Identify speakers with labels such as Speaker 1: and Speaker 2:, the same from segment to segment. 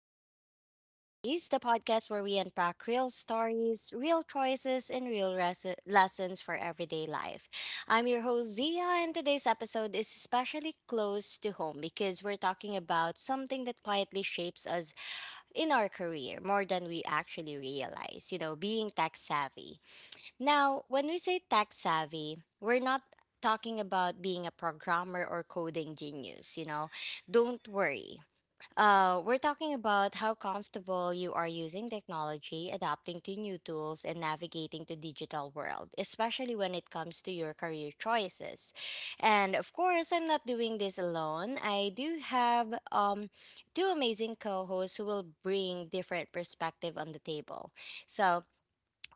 Speaker 1: to Real Talk Diaries, the podcast where we unpack real stories, real choices, and real lessons for everyday life. I'm your host, Zia, and today's episode is especially close to home because we're talking about something that quietly shapes us in our career more than we actually realize, you know, being tech savvy. Now, when we say tech savvy, we're not talking about being a programmer or coding genius, you know. Don't worry. We're talking about how comfortable you are using technology, adapting to new tools, and navigating the digital world, especially when it comes to your career choices. And of course, I'm not doing this alone. I do have two amazing co hosts who will bring different perspective on the table. So,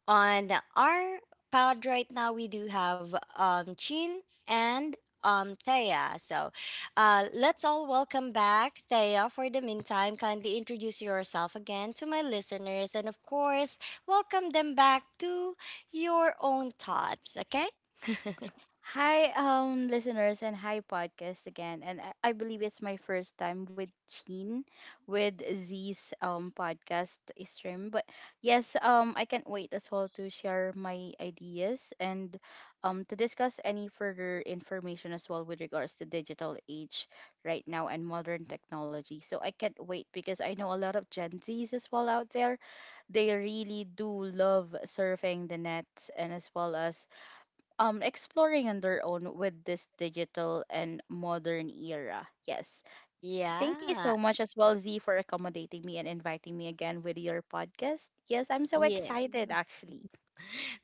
Speaker 1: on our pod right now, we do have Chin and Thea. So let's all welcome back Thea. For the meantime, kindly introduce yourself again to my listeners and, of course, welcome them back to your own thoughts, okay?
Speaker 2: Hi, listeners, and hi, podcast again. And I believe it's my first time with Sheen, with Z's podcast stream. But yes, I can't wait as well to share my ideas and to discuss any further information as well with regards to digital age right now and modern technology. So I can't wait because I know a lot of Gen Z's as well out there. They really do love surfing the nets and as well as exploring on their own with this digital and modern era. Yes. Thank you
Speaker 1: Yeah.
Speaker 2: so much as well, Z, for accommodating me and inviting me again with your podcast. Yes, I'm so
Speaker 1: Yeah.
Speaker 2: excited actually.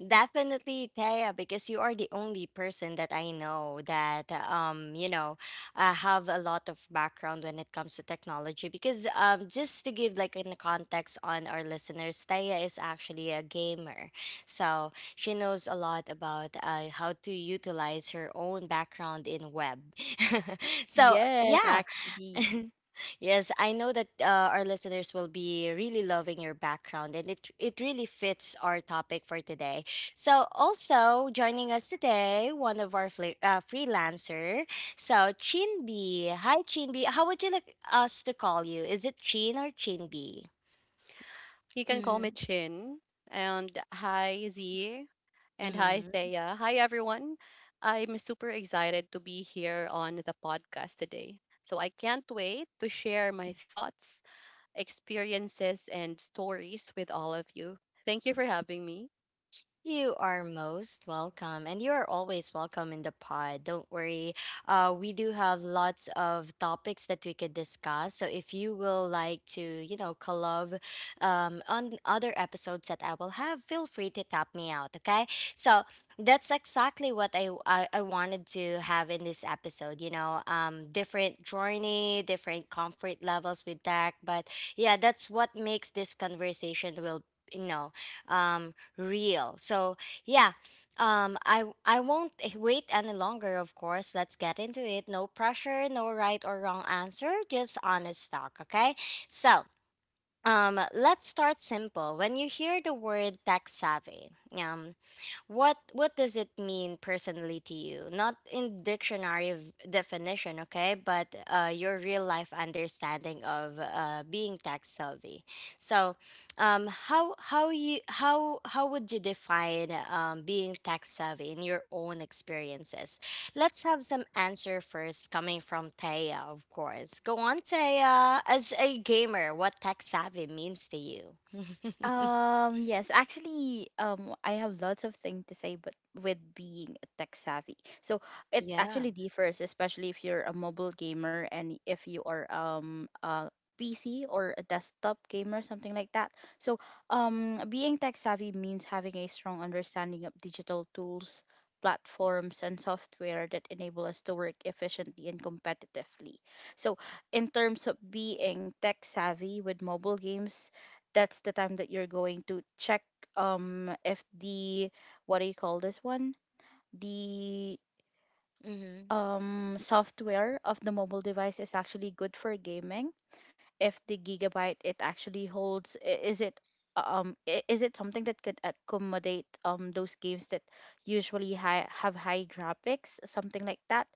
Speaker 1: Definitely, Thea, because you are the only person that I know that have a lot of background when it comes to technology. Because just to give like in context on our listeners, Thea is actually a gamer, so she knows a lot about how to utilize her own background in web. So
Speaker 2: Yes,
Speaker 1: yeah,
Speaker 2: actually.
Speaker 1: Yes, I know that our listeners will be really loving your background, and it really fits our topic for today. So, also joining us today, one of our freelancer, so Chinbi. Hi, Chinbi. How would you like us to call you? Is it Chin or Chinbi?
Speaker 3: You can call
Speaker 1: Mm-hmm.
Speaker 3: me Chin. And hi, Z. And hi, Thea. Hi, everyone. I'm super excited to be here on the podcast today. So I can't wait to share my thoughts, experiences, and stories with all of you. Thank you for having me.
Speaker 1: You are most welcome, and you are always welcome in the pod. Don't worry. We do have lots of topics that we could discuss. So if you will like to, you know, collab on other episodes that I will have, feel free to tap me out. Okay. So that's exactly what I wanted to have in this episode, you know, different journey, different comfort levels with tech. But yeah, that's what makes this conversation will, you know, um, real. So yeah, um, I won't wait any longer. Of course, let's get into it. No pressure, no right or wrong answer, just honest talk. Okay, so, let's start simple. When you hear the word tech savvy, um. what does it mean personally to you? Not in dictionary definition, okay, but your real life understanding of being tax savvy. So, how would you define being tax savvy in your own experiences? Let's have some answer first, coming from Taya, of course. Go on, Taya. As a gamer, what tax savvy means to you?
Speaker 2: Yes, actually, I have lots of things to say, but with being tech savvy, so it
Speaker 1: Yeah.
Speaker 2: actually differs, especially if you're a mobile gamer and if you are a PC or a desktop gamer, something like that. So, being tech savvy means having a strong understanding of digital tools, platforms, and software that enable us to work efficiently and competitively. So, in terms of being tech savvy with mobile games, that's the time that you're going to check if the, what do you call this one, the
Speaker 1: Mm-hmm.
Speaker 2: software of the mobile device is actually good for gaming, if the gigabyte it actually holds, is it something that could accommodate those games that usually high, have high graphics, something like that.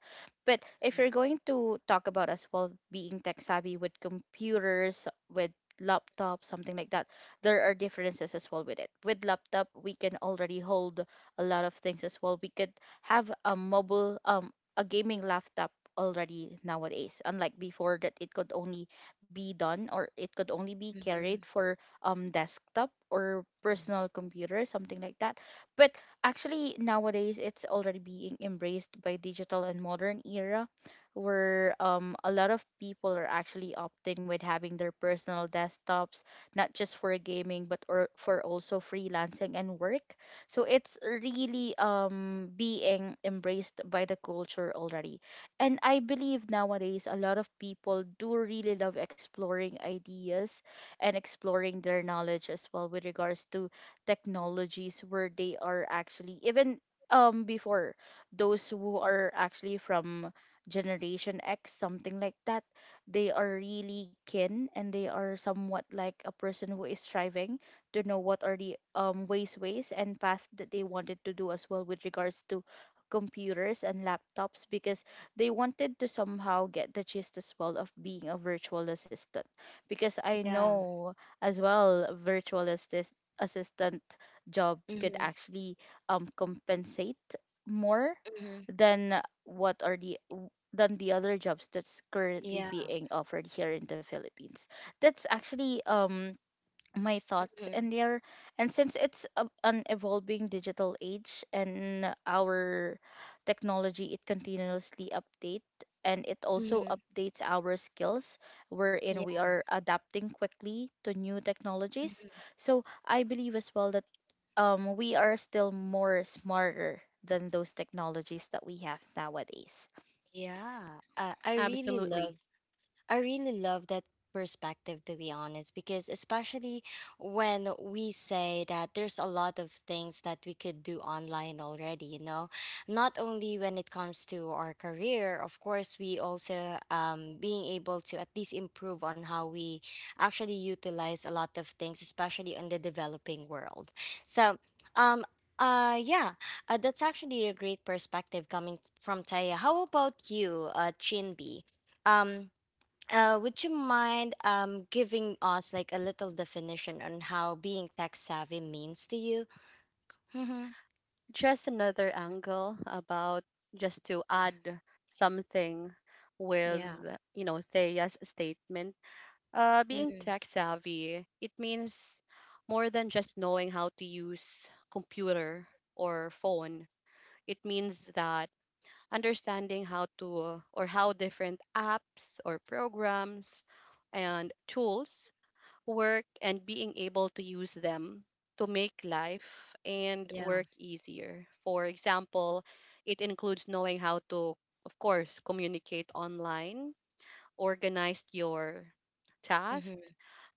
Speaker 2: But if you're going to talk about as well being tech savvy with computers, with laptops, something like that, there are differences as well with it. With laptop we can already hold a lot of things as well. We could have a mobile, a gaming laptop already nowadays, unlike before that it could only be done or it could only be carried
Speaker 1: Mm-hmm.
Speaker 2: for desktop or personal computer, something like that. But actually nowadays it's already being embraced by digital and modern era, where a lot of people are actually opting with having their personal desktops, not just for gaming but or for also freelancing and work. So it's really being embraced by the culture already. And I believe nowadays a lot of people do really love exploring ideas and exploring their knowledge as well with regards to technologies, where they are actually even, before, those who are actually from generation X, something like that, they are really keen and they are somewhat like a person who is striving to know what are the ways and path that they wanted to do as well with regards to computers and laptops, because they wanted to somehow get the gist as well of being a virtual assistant, because I
Speaker 1: Yeah.
Speaker 2: know as well assistant job could
Speaker 1: Mhm,
Speaker 2: actually compensate more
Speaker 1: mhm,
Speaker 2: than what are the w- than the other jobs that's currently
Speaker 1: yeah,
Speaker 2: being offered here in the Philippines. That's actually my thoughts
Speaker 1: mhm,
Speaker 2: in there. And since it's a, an evolving digital age and our technology, it continuously update and it also
Speaker 1: mhm,
Speaker 2: updates our skills, wherein
Speaker 1: yeah,
Speaker 2: we are adapting quickly to new technologies.
Speaker 1: mhm.
Speaker 2: So I believe as well that we are still more smarter than those technologies that we have nowadays.
Speaker 1: Yeah.
Speaker 3: Absolutely.
Speaker 1: I really love that perspective to be honest because especially when we say that there's a lot of things that we could do online already, you know, not only when it comes to our career, of course, we also being able to at least improve on how we actually utilize a lot of things, especially in the developing world. So um uh yeah that's actually a great perspective coming from Taya. How about you, Chinbi? um would you mind giving us like a little definition on how being tech savvy means to you? Mm-hmm.
Speaker 3: Just another angle, about just to add something with,
Speaker 1: Yeah.
Speaker 3: you know, Thea's statement. Being
Speaker 1: Mm-hmm.
Speaker 3: tech savvy, it means more than just knowing how to use computer or phone. It means that understanding how to, or how different apps or programs and tools work, and being able to use them to make life and
Speaker 1: Yeah.
Speaker 3: work easier. For example, it includes knowing how to, of course, communicate online, organize your tasks,
Speaker 1: Mm-hmm.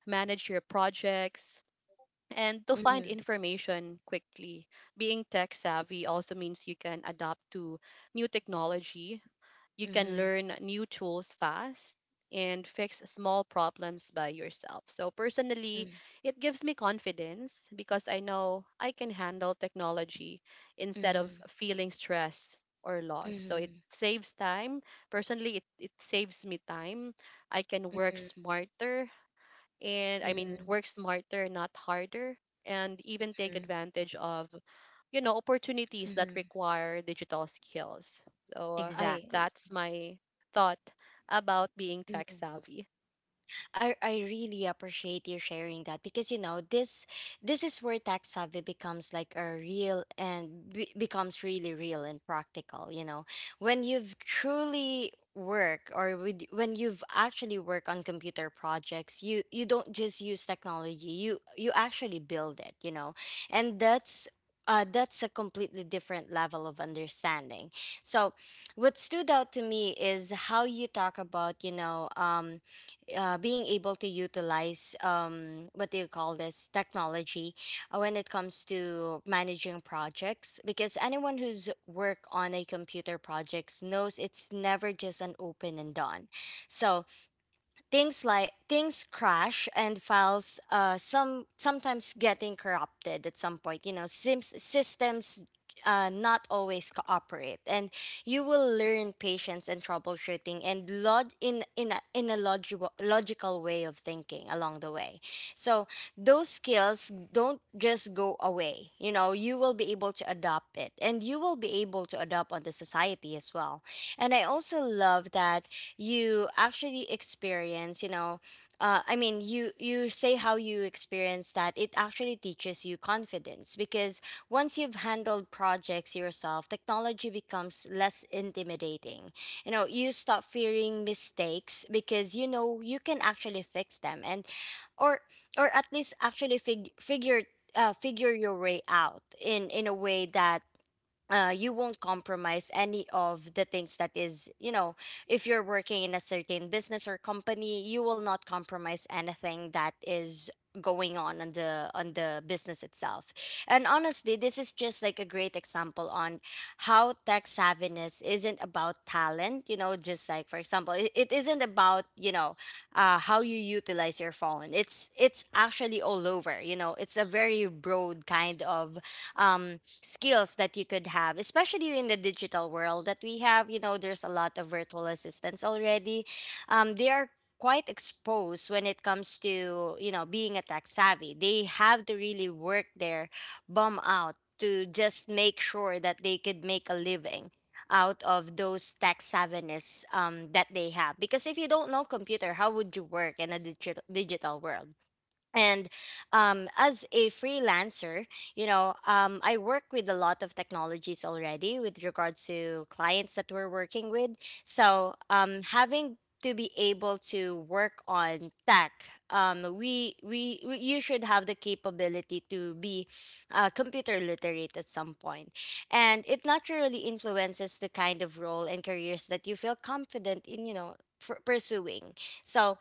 Speaker 3: manage your projects, and to find
Speaker 1: Mm-hmm.
Speaker 3: information quickly. Being tech savvy also means you can adapt to new technology, you can
Speaker 1: Mm-hmm.
Speaker 3: learn new tools fast, and fix small problems by yourself. So, personally,
Speaker 1: Mm-hmm.
Speaker 3: it gives me confidence because I know I can handle technology instead of feeling stress or loss. So, it
Speaker 1: Mm-hmm.
Speaker 3: saves time. Personally, it saves me time. I can work
Speaker 1: Mm-hmm.
Speaker 3: smarter, and I mean
Speaker 1: Mm-hmm.
Speaker 3: work smarter, not harder, and even take advantage of, you know, opportunities that
Speaker 1: Mm-hmm.
Speaker 3: require digital skills. So uh,
Speaker 1: I.
Speaker 2: Exactly.
Speaker 3: that's my thought about being tech savvy.
Speaker 1: I really appreciate you sharing that because you know this is where tax savvy becomes like a real and becomes really real and practical. You know, when you've truly work or with, when you've actually work on computer projects, you don't just use technology. You actually build it. You know, and that's. That's a completely different level of understanding. So, what stood out to me is how you talk about, you know, being able to utilize what do you call this technology when it comes to managing projects because anyone who's worked on a computer projects knows it's never just an open and done. So things like things crash and files some sometimes getting corrupted at some point, you know, sims systems not always cooperate, and you will learn patience and troubleshooting and log in a logical logical way of thinking along the way. So those skills don't just go away, you know, you will be able to adopt it and you will be able to adopt on the society as well. And I also love that you actually experience, you know, I mean you say how you experience that it actually teaches you confidence because once you've handled projects yourself, technology becomes less intimidating. You know, you stop fearing mistakes because you know you can actually fix them, and or or at least actually figure your way out in a, way that you won't compromise any of the things that is, you know, if you're working in a certain business or company, you will not compromise anything that is going on the business itself. And honestly, this is just like a great example on how tech savviness isn't about talent, you know, just like for example, it isn't about, you know, how you utilize your phone. It's actually all over, you know, it's a very broad kind of um skills that you could have, especially in the digital world that we have. You know, there's a lot of virtual assistants already. They are quite exposed when it comes to you know being a tech savvy. They have to really work their bum out to just make sure that they could make a living out of those tech savviness that they have because if you don't know computer, how would you work in a digital digital world? And as a freelancer, you know, I work with a lot of technologies already with regards to clients that we're working with. So having to be able to work on tech, you should have the capability to be computer literate at some point, and it naturally influences the kind of role and careers that you feel confident in you know pursuing. So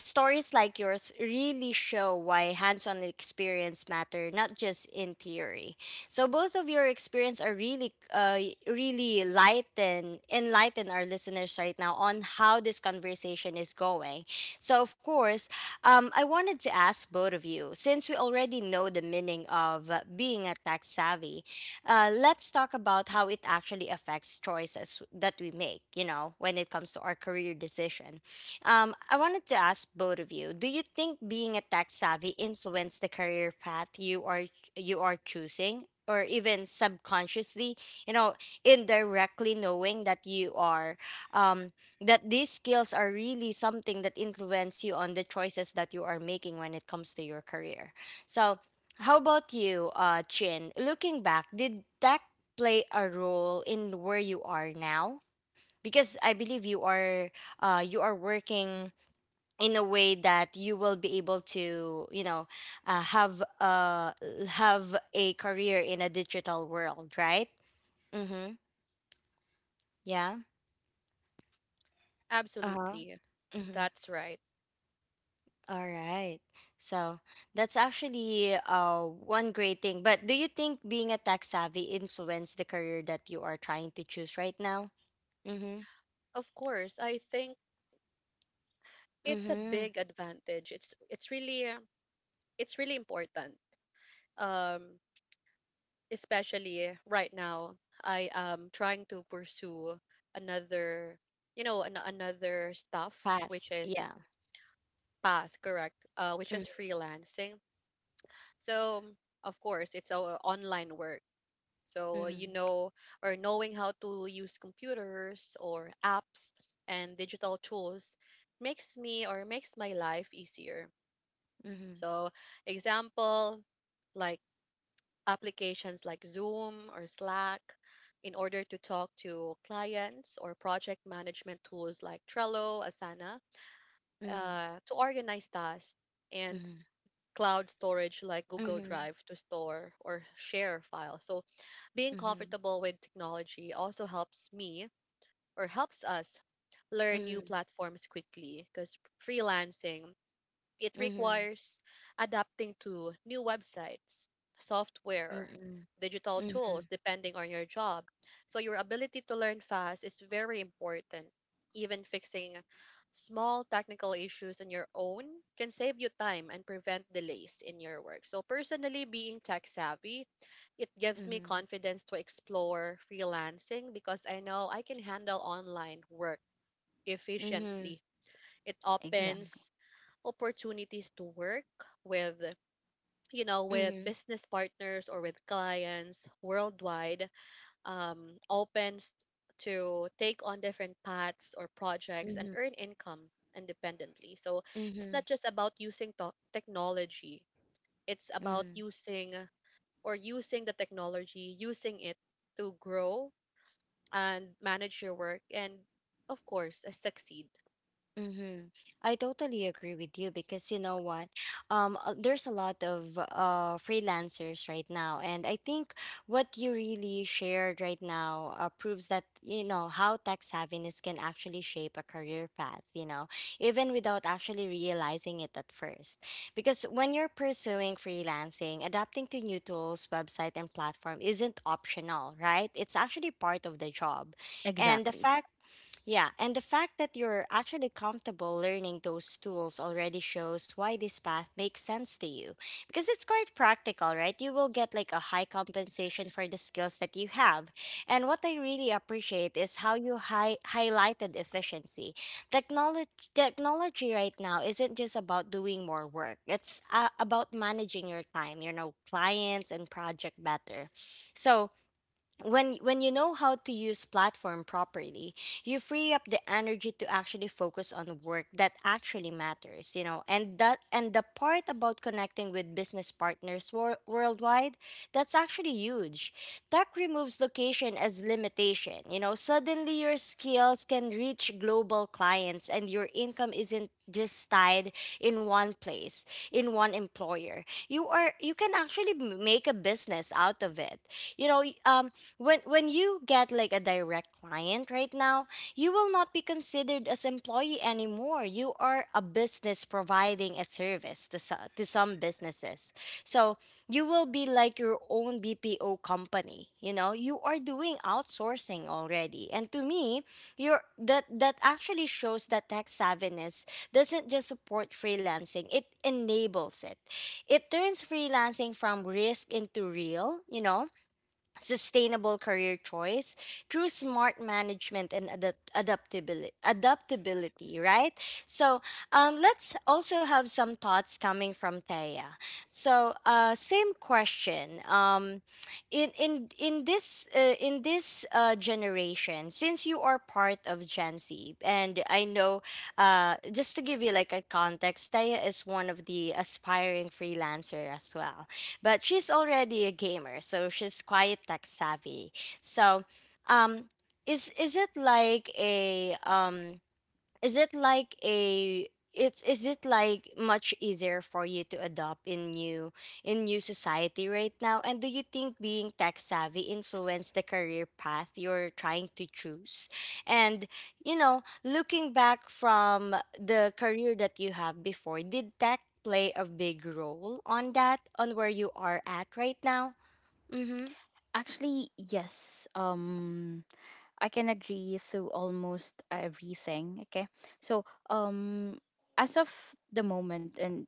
Speaker 1: stories like yours really show why hands on experience matter, not just in theory. So both of your experience are really, enlighten our listeners right now on how this conversation is going. So of course, I wanted to ask both of you, since we already know the meaning of being a tax savvy, let's talk about how it actually affects choices that we make, you know, when it comes to our career decision. I wanted to ask both of you: do you think being a tech savvy influenced the career path you are choosing, or even subconsciously, you know, indirectly knowing that you are, um, that these skills are really something that influence you on the choices that you are making when it comes to your career? So, how about you, Chin? Looking back, did tech play a role in where you are now? Because I believe you are working in a way that you will be able to you know uh, have uh have a career in a digital world, right? Mm-hmm. Yeah. Uh-huh.
Speaker 3: Absolutely,
Speaker 1: Mm-hmm.
Speaker 3: that's right.
Speaker 1: All right, so that's actually one great thing. But do you think being a tech savvy influenced the career that you are trying to choose right now? Mm-hmm.
Speaker 3: Of course, I think it's a
Speaker 1: Mm-hmm.
Speaker 3: big advantage. It's really it's really important. Um, Especially right now, I am trying to pursue another, you know, another stuff, which
Speaker 1: Path,
Speaker 3: is
Speaker 1: yeah.
Speaker 3: path, correct, which is
Speaker 1: Mm-hmm.
Speaker 3: freelancing. So of course, it's our online work. So you
Speaker 1: Mm-hmm.
Speaker 3: know, or knowing how to use computers or apps and digital tools makes me, or makes my life easier. So, example, like applications like Zoom or Slack, in order to talk to clients, or project management tools like Trello, Asana,
Speaker 1: Mm-hmm.
Speaker 3: to organize tasks, and
Speaker 1: Mm-hmm.
Speaker 3: cloud storage like Google
Speaker 1: Mm-hmm.
Speaker 3: Drive to store or share files. So, being
Speaker 1: Mm-hmm.
Speaker 3: comfortable with technology also helps me, or helps us learn new
Speaker 1: Mm-hmm.
Speaker 3: platforms quickly, because freelancing, it
Speaker 1: Mm-hmm.
Speaker 3: requires adapting to new websites, software,
Speaker 1: Mm-hmm.
Speaker 3: digital
Speaker 1: Mm-hmm.
Speaker 3: tools, depending on your job. So, your ability to learn fast is very important. Even fixing small technical issues on your own can save you time and prevent delays in your work. So, personally, being tech savvy, it gives me
Speaker 1: Mhm.
Speaker 3: confidence to explore freelancing because I know I can handle online work
Speaker 1: Mhm.
Speaker 3: efficiently. It
Speaker 1: Mhm.
Speaker 2: Exactly.
Speaker 3: opens opportunities to work with, you know, with
Speaker 1: Mhm.
Speaker 3: business partners or with clients worldwide, opens to take on different paths or projects and
Speaker 1: Mhm.
Speaker 3: earn income independently. So it's
Speaker 1: Mhm.
Speaker 3: not just about using technology, it's about
Speaker 1: Mhm.
Speaker 3: using, or using the technology, using it to grow and manage your work and, of course, succeed.
Speaker 1: Mm-hmm. I totally agree with you because you know what? There's a lot of freelancers right now, and I think what you really shared right now proves that you know how tech savviness can actually shape a career path. You know, even without actually realizing it at first, because when you're pursuing freelancing, adapting to new tools, website, and platform isn't optional, right? It's actually part of the job, and
Speaker 2: Exactly.
Speaker 1: the fact that you're actually comfortable learning those tools already shows why this path makes sense to you. Because it's quite practical, right? You will get like a high compensation for the skills that you have. And what I really appreciate is how you highlighted efficiency. Technology technology right now isn't just about doing more work. It's about managing your time, you know, clients and project better. So, when you know how to use platform properly, you free up the energy to actually focus on work that actually matters, and that and the part about connecting with business partners worldwide, that's actually huge. Tech removes location as limitation, you know. Suddenly your skills can reach global clients and your income isn't just tied in one place, in one employer. You can actually make a business out of it, you know. When you get like a direct client right now, you will not be considered as employee anymore. You are a business providing a service to, to some businesses. So you will be like your own BPO company, you know. You are doing outsourcing already. And to me, you're that that actually shows that tech savviness doesn't just support freelancing, it enables it. It turns freelancing from risk into real, sustainable career choice through smart management and adaptability right? So, let's also have some thoughts coming from Taya. So, same question. In this in this generation, since you are part of Gen Z. And I know, just to give you like a context, Taya is one of the aspiring freelancer as well, but she's already a gamer, so she's quite tech savvy. So, um, is it like a is it like a it's is it like much easier for you to adopt in new, in new society right now? And do you think being tech savvy influenced the career path you're trying to choose? And you know, looking back from the career that you have before, did tech play a big role on that, on where you are at right now? Mhm.
Speaker 2: Actually, yes. I can agree to almost everything. Okay. So, as of the moment, and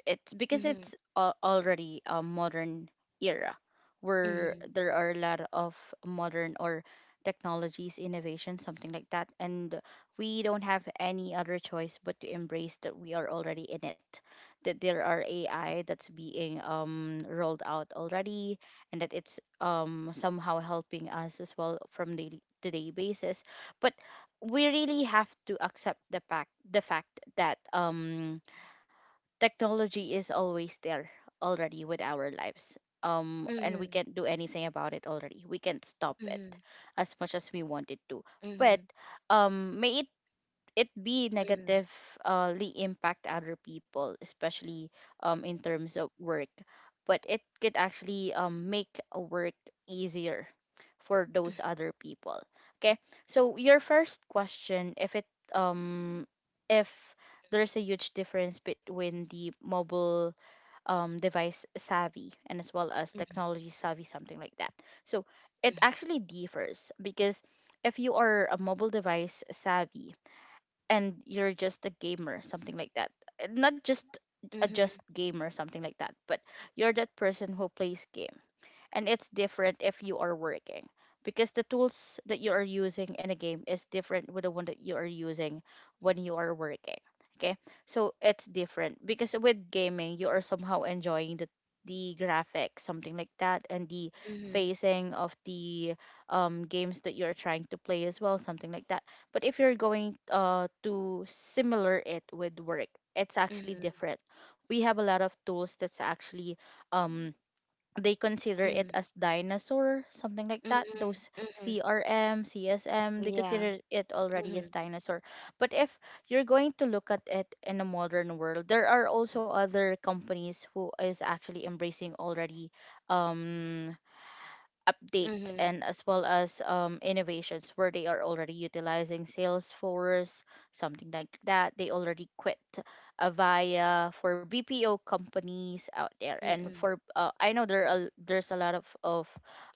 Speaker 2: it's because it's
Speaker 1: Mhm.
Speaker 2: already a modern era where
Speaker 1: Mhm.
Speaker 2: there are a lot of modern or technologies innovation, something like that, and we don't have any other choice but to embrace that we are already in it, that there are AI that's being rolled out already, and that it's somehow helping us as well from daily to day basis. But we really have to accept the fact that technology is always there already with our lives, and we
Speaker 1: Mhm.
Speaker 2: can't do anything about it already, we can't stop it
Speaker 1: Mhm.
Speaker 2: as much as we wanted to. But
Speaker 1: Mhm.
Speaker 2: may it be
Speaker 1: Mhm.
Speaker 2: negatively impact other people, especially in terms of work. But it could actually make a work easier for those other people. Okay, so your first question, if it um, if there's a huge difference between the mobile device savvy and as well as
Speaker 1: Mhm.
Speaker 2: technology savvy, something like that. So it actually differs because if you are a mobile device savvy, and you're just a gamer, something like that. Not just a
Speaker 1: Mhm.
Speaker 2: just gamer, something like that, but you're that person who plays game, and it's different if you are working, because the tools that you are using in a game is different with the one that you are using when you are working. Okay, so it's different because with gaming you are somehow enjoying the graphics, something like that, and the
Speaker 1: Mhm.
Speaker 2: facing of the games that you're trying to play as well, something like that. But if you're going to similar it with work, it's actually
Speaker 1: Mhm.
Speaker 2: different. We have a lot of tools that's actually um, they consider it
Speaker 1: Mm,
Speaker 2: as dinosaur, something like that.
Speaker 1: mhm,
Speaker 2: Those
Speaker 1: mhm.
Speaker 2: CRM, CSM, they
Speaker 1: Yeah.
Speaker 2: consider it already as
Speaker 1: Mhm,
Speaker 2: dinosaur. But if you're going to look at it in a modern world, there are also other companies who is actually embracing already um update
Speaker 1: mhm,
Speaker 2: and as well as innovations, where they are already utilizing Salesforce, something like that. They already quit Avaya for BPO companies out there, and
Speaker 1: mhm,
Speaker 2: for I know there's a lot of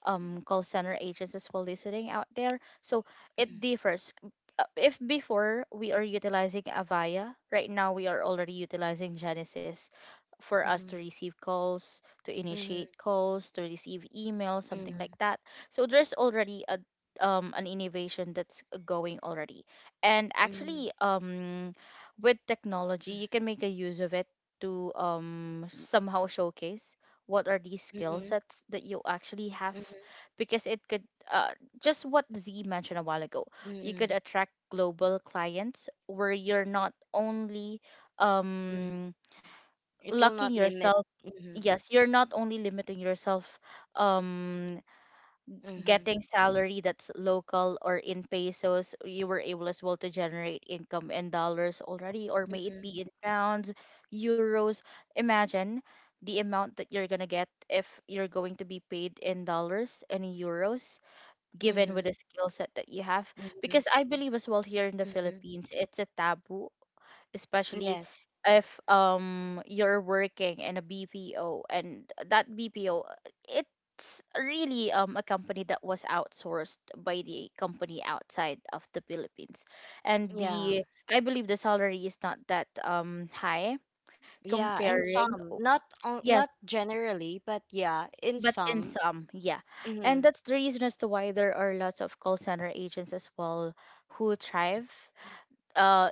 Speaker 2: call center agents as well listening out there. So it
Speaker 1: mhm,
Speaker 2: differs. If before we are utilizing Avaya, right now we are already utilizing Genesis for us to
Speaker 1: mhm,
Speaker 2: receive calls, to
Speaker 1: mhm,
Speaker 2: initiate calls, to receive emails, something
Speaker 1: mhm,
Speaker 2: like that. So there's already a an innovation that's going already. And
Speaker 1: mhm,
Speaker 2: actually, with technology, you can make a use of it to somehow showcase what are these skill
Speaker 1: mhm,
Speaker 2: sets that you actually have,
Speaker 1: mhm,
Speaker 2: because it could, uh, just what Z mentioned a while ago, you could
Speaker 1: mhm,
Speaker 2: attract global clients where you're not only
Speaker 1: mhm.
Speaker 2: um,
Speaker 1: It will
Speaker 2: locking
Speaker 1: not limit.
Speaker 2: yourself,
Speaker 1: Mhm,
Speaker 2: yes, you're not only limiting yourself um
Speaker 1: mhm,
Speaker 2: getting salary that's local or in pesos. You were able as well to generate income in dollars already, or may it
Speaker 1: mhm,
Speaker 2: be in pounds, euros. Imagine the amount that you're going to get if you're going to be paid in dollars and in euros, given
Speaker 1: mhm,
Speaker 2: with the skill set that you have.
Speaker 1: mhm,
Speaker 2: Because I believe as well here in the
Speaker 1: mhm.
Speaker 2: Philippines it's a taboo, especially
Speaker 1: Yes.
Speaker 2: if you're working in a BPO, and that BPO, it's really a company that was outsourced by the company outside of the Philippines, and
Speaker 1: Yeah.
Speaker 2: the, I believe the salary is not that high,
Speaker 1: Yeah. In
Speaker 2: comparing,
Speaker 1: some, not on,
Speaker 2: yes,
Speaker 1: not generally, but yeah, in
Speaker 2: but in
Speaker 1: some.
Speaker 2: some, yeah. And
Speaker 1: Mhm,
Speaker 2: that's the reason as to why there are lots of call center agents as well who thrive. uh.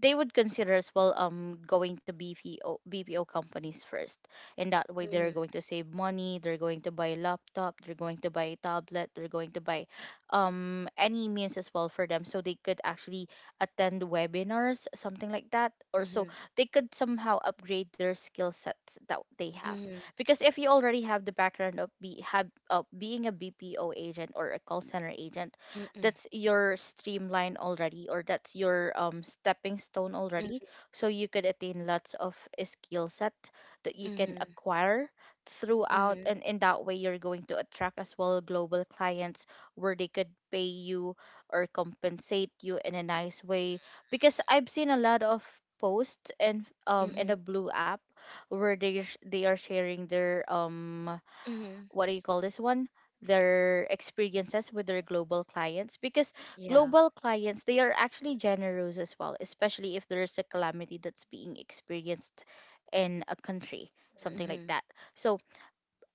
Speaker 2: They would consider as well going to BPO companies first, and that way they're
Speaker 1: mhm,
Speaker 2: going to save money. They're going to buy a laptop. They're going to buy a tablet. They're going to buy any means as well for them, so they could actually attend webinars, something like that, or so
Speaker 1: mhm,
Speaker 2: they could somehow upgrade their skill sets that they have.
Speaker 1: mhm,
Speaker 2: Because if you already have the background of be have of being a BPO agent or a call center agent,
Speaker 1: mhm,
Speaker 2: that's your streamline already, or that's your stepping stone already,
Speaker 1: mhm,
Speaker 2: so you could attain lots of skill set that you can
Speaker 1: mhm,
Speaker 2: acquire throughout,
Speaker 1: mhm,
Speaker 2: and in that way you're going to attract as well global clients where they could pay you or compensate you in a nice way. Because I've seen a lot of posts and in a
Speaker 1: mhm,
Speaker 2: blue app, where they are sharing their
Speaker 1: mhm.
Speaker 2: what do you call this one, their experiences with their global clients. Because
Speaker 1: Yeah.
Speaker 2: global clients, they are actually generous as well, especially if there's a calamity that's being experienced in a country, something like
Speaker 1: Mhm.
Speaker 2: that. So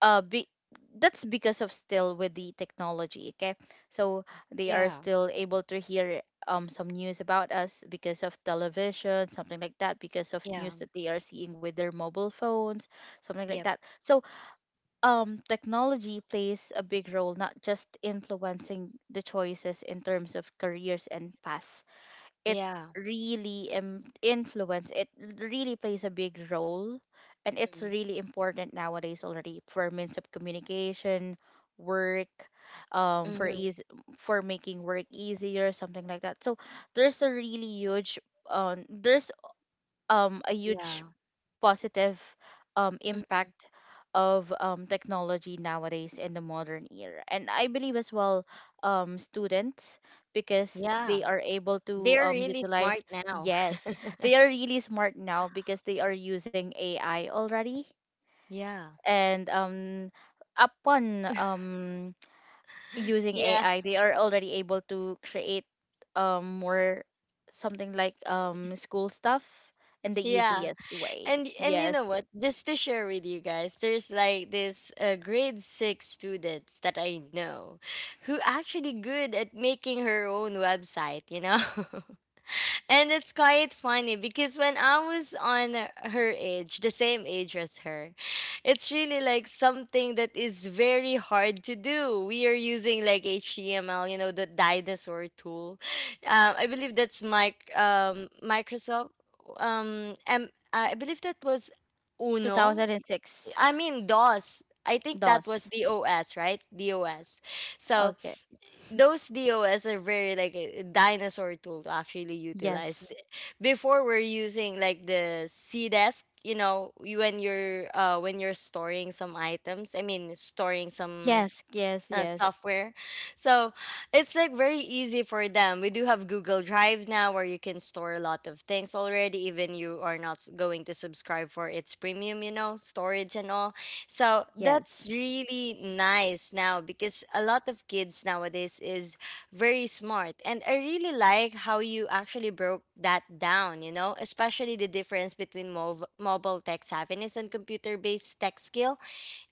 Speaker 2: uh be- that's because of still with the technology. Okay, so they are
Speaker 1: Yeah.
Speaker 2: still able to hear some news about us because of television, something like that, because of
Speaker 1: Yeah.
Speaker 2: news that they are seeing with their mobile phones, something like
Speaker 1: Yep.
Speaker 2: that. So technology plays a big role, not just influencing the choices in terms of careers and paths. It
Speaker 1: Yeah.
Speaker 2: really influence. It really plays a big role, and it's
Speaker 1: Mm-hmm.
Speaker 2: really important nowadays already for means of communication, work, for
Speaker 1: Mm-hmm.
Speaker 2: ease, for making work easier, something like that. So there's a really huge there's a
Speaker 1: Yeah.
Speaker 2: huge positive
Speaker 1: Mm-hmm.
Speaker 2: impact of technology nowadays in the modern era. And I believe as well students, because
Speaker 1: Yeah.
Speaker 2: they are able to
Speaker 1: They're really smart
Speaker 2: utilize,
Speaker 1: now.
Speaker 2: yes, they are really smart now because they are using AI already.
Speaker 1: Yeah.
Speaker 2: And upon using
Speaker 1: Yeah.
Speaker 2: AI, they are already able to create more something like school stuff in the
Speaker 1: Yeah.
Speaker 2: easiest way.
Speaker 1: and you know
Speaker 2: Yes.
Speaker 1: what? Just to share with you guys, there's like this grade 6 students that I know, who actually good at making her own website, you know. And it's quite funny because when I was on her age, the same age as her, it's really like something that is very hard to do. We are using like HTML, you know, the dinosaur tool. I believe that's Microsoft. I believe that was Uno.
Speaker 2: 2006.
Speaker 1: I mean, DOS. I think that was
Speaker 2: DOS.
Speaker 1: DOS, right? DOS. So
Speaker 2: Okay.
Speaker 1: those DOS are very like a dinosaur tool to actually utilize.
Speaker 2: Yes.
Speaker 1: Before we're using like the C desk, you know, when you're storing some items, I mean storing some
Speaker 2: Yes, yes, yes.
Speaker 1: software. So it's like very easy for them. We do have Google Drive now where you can store a lot of things already, even you are not going to subscribe for its premium, you know, storage and all. So
Speaker 2: Yes.
Speaker 1: that's really nice now because a lot of kids nowadays is very smart. And I really like how you actually broke that down, you know, especially the difference between mobile tech savviness and computer based tech skill.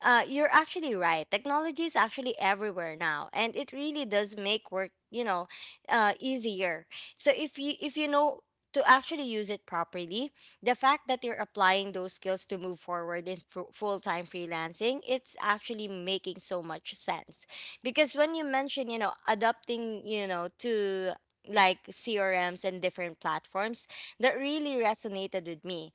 Speaker 1: You're actually right. Technology is actually everywhere now, and it really does make work, you know, easier. So if you know to actually use it properly, the fact that you're applying those skills to move forward in full-time freelancing, it's actually making so much sense. Because when you mention, you know, adapting, you know, to like CRMs and different platforms, that really resonated with me.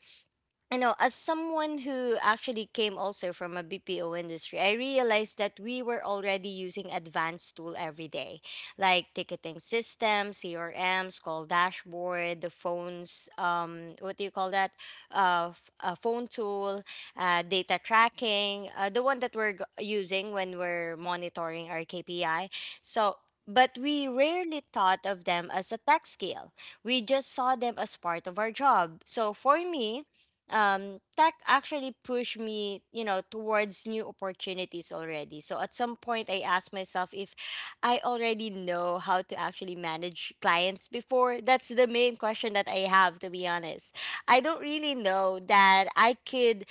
Speaker 1: I know, as someone who actually came also from a BPO industry, I realized that we were already using advanced tool every day, like ticketing systems, CRMs, call dashboard, the phones, what do you call that? A phone tool, data tracking, the one that we're using when we're monitoring our KPI. So, but we rarely thought of them as a tech skill. We just saw them as part of our job. So for me, tech actually pushed me, you know, towards new opportunities already. So at some point, I asked myself if I already know how to actually manage clients before. That's the main question that I have, to be honest. I don't really know that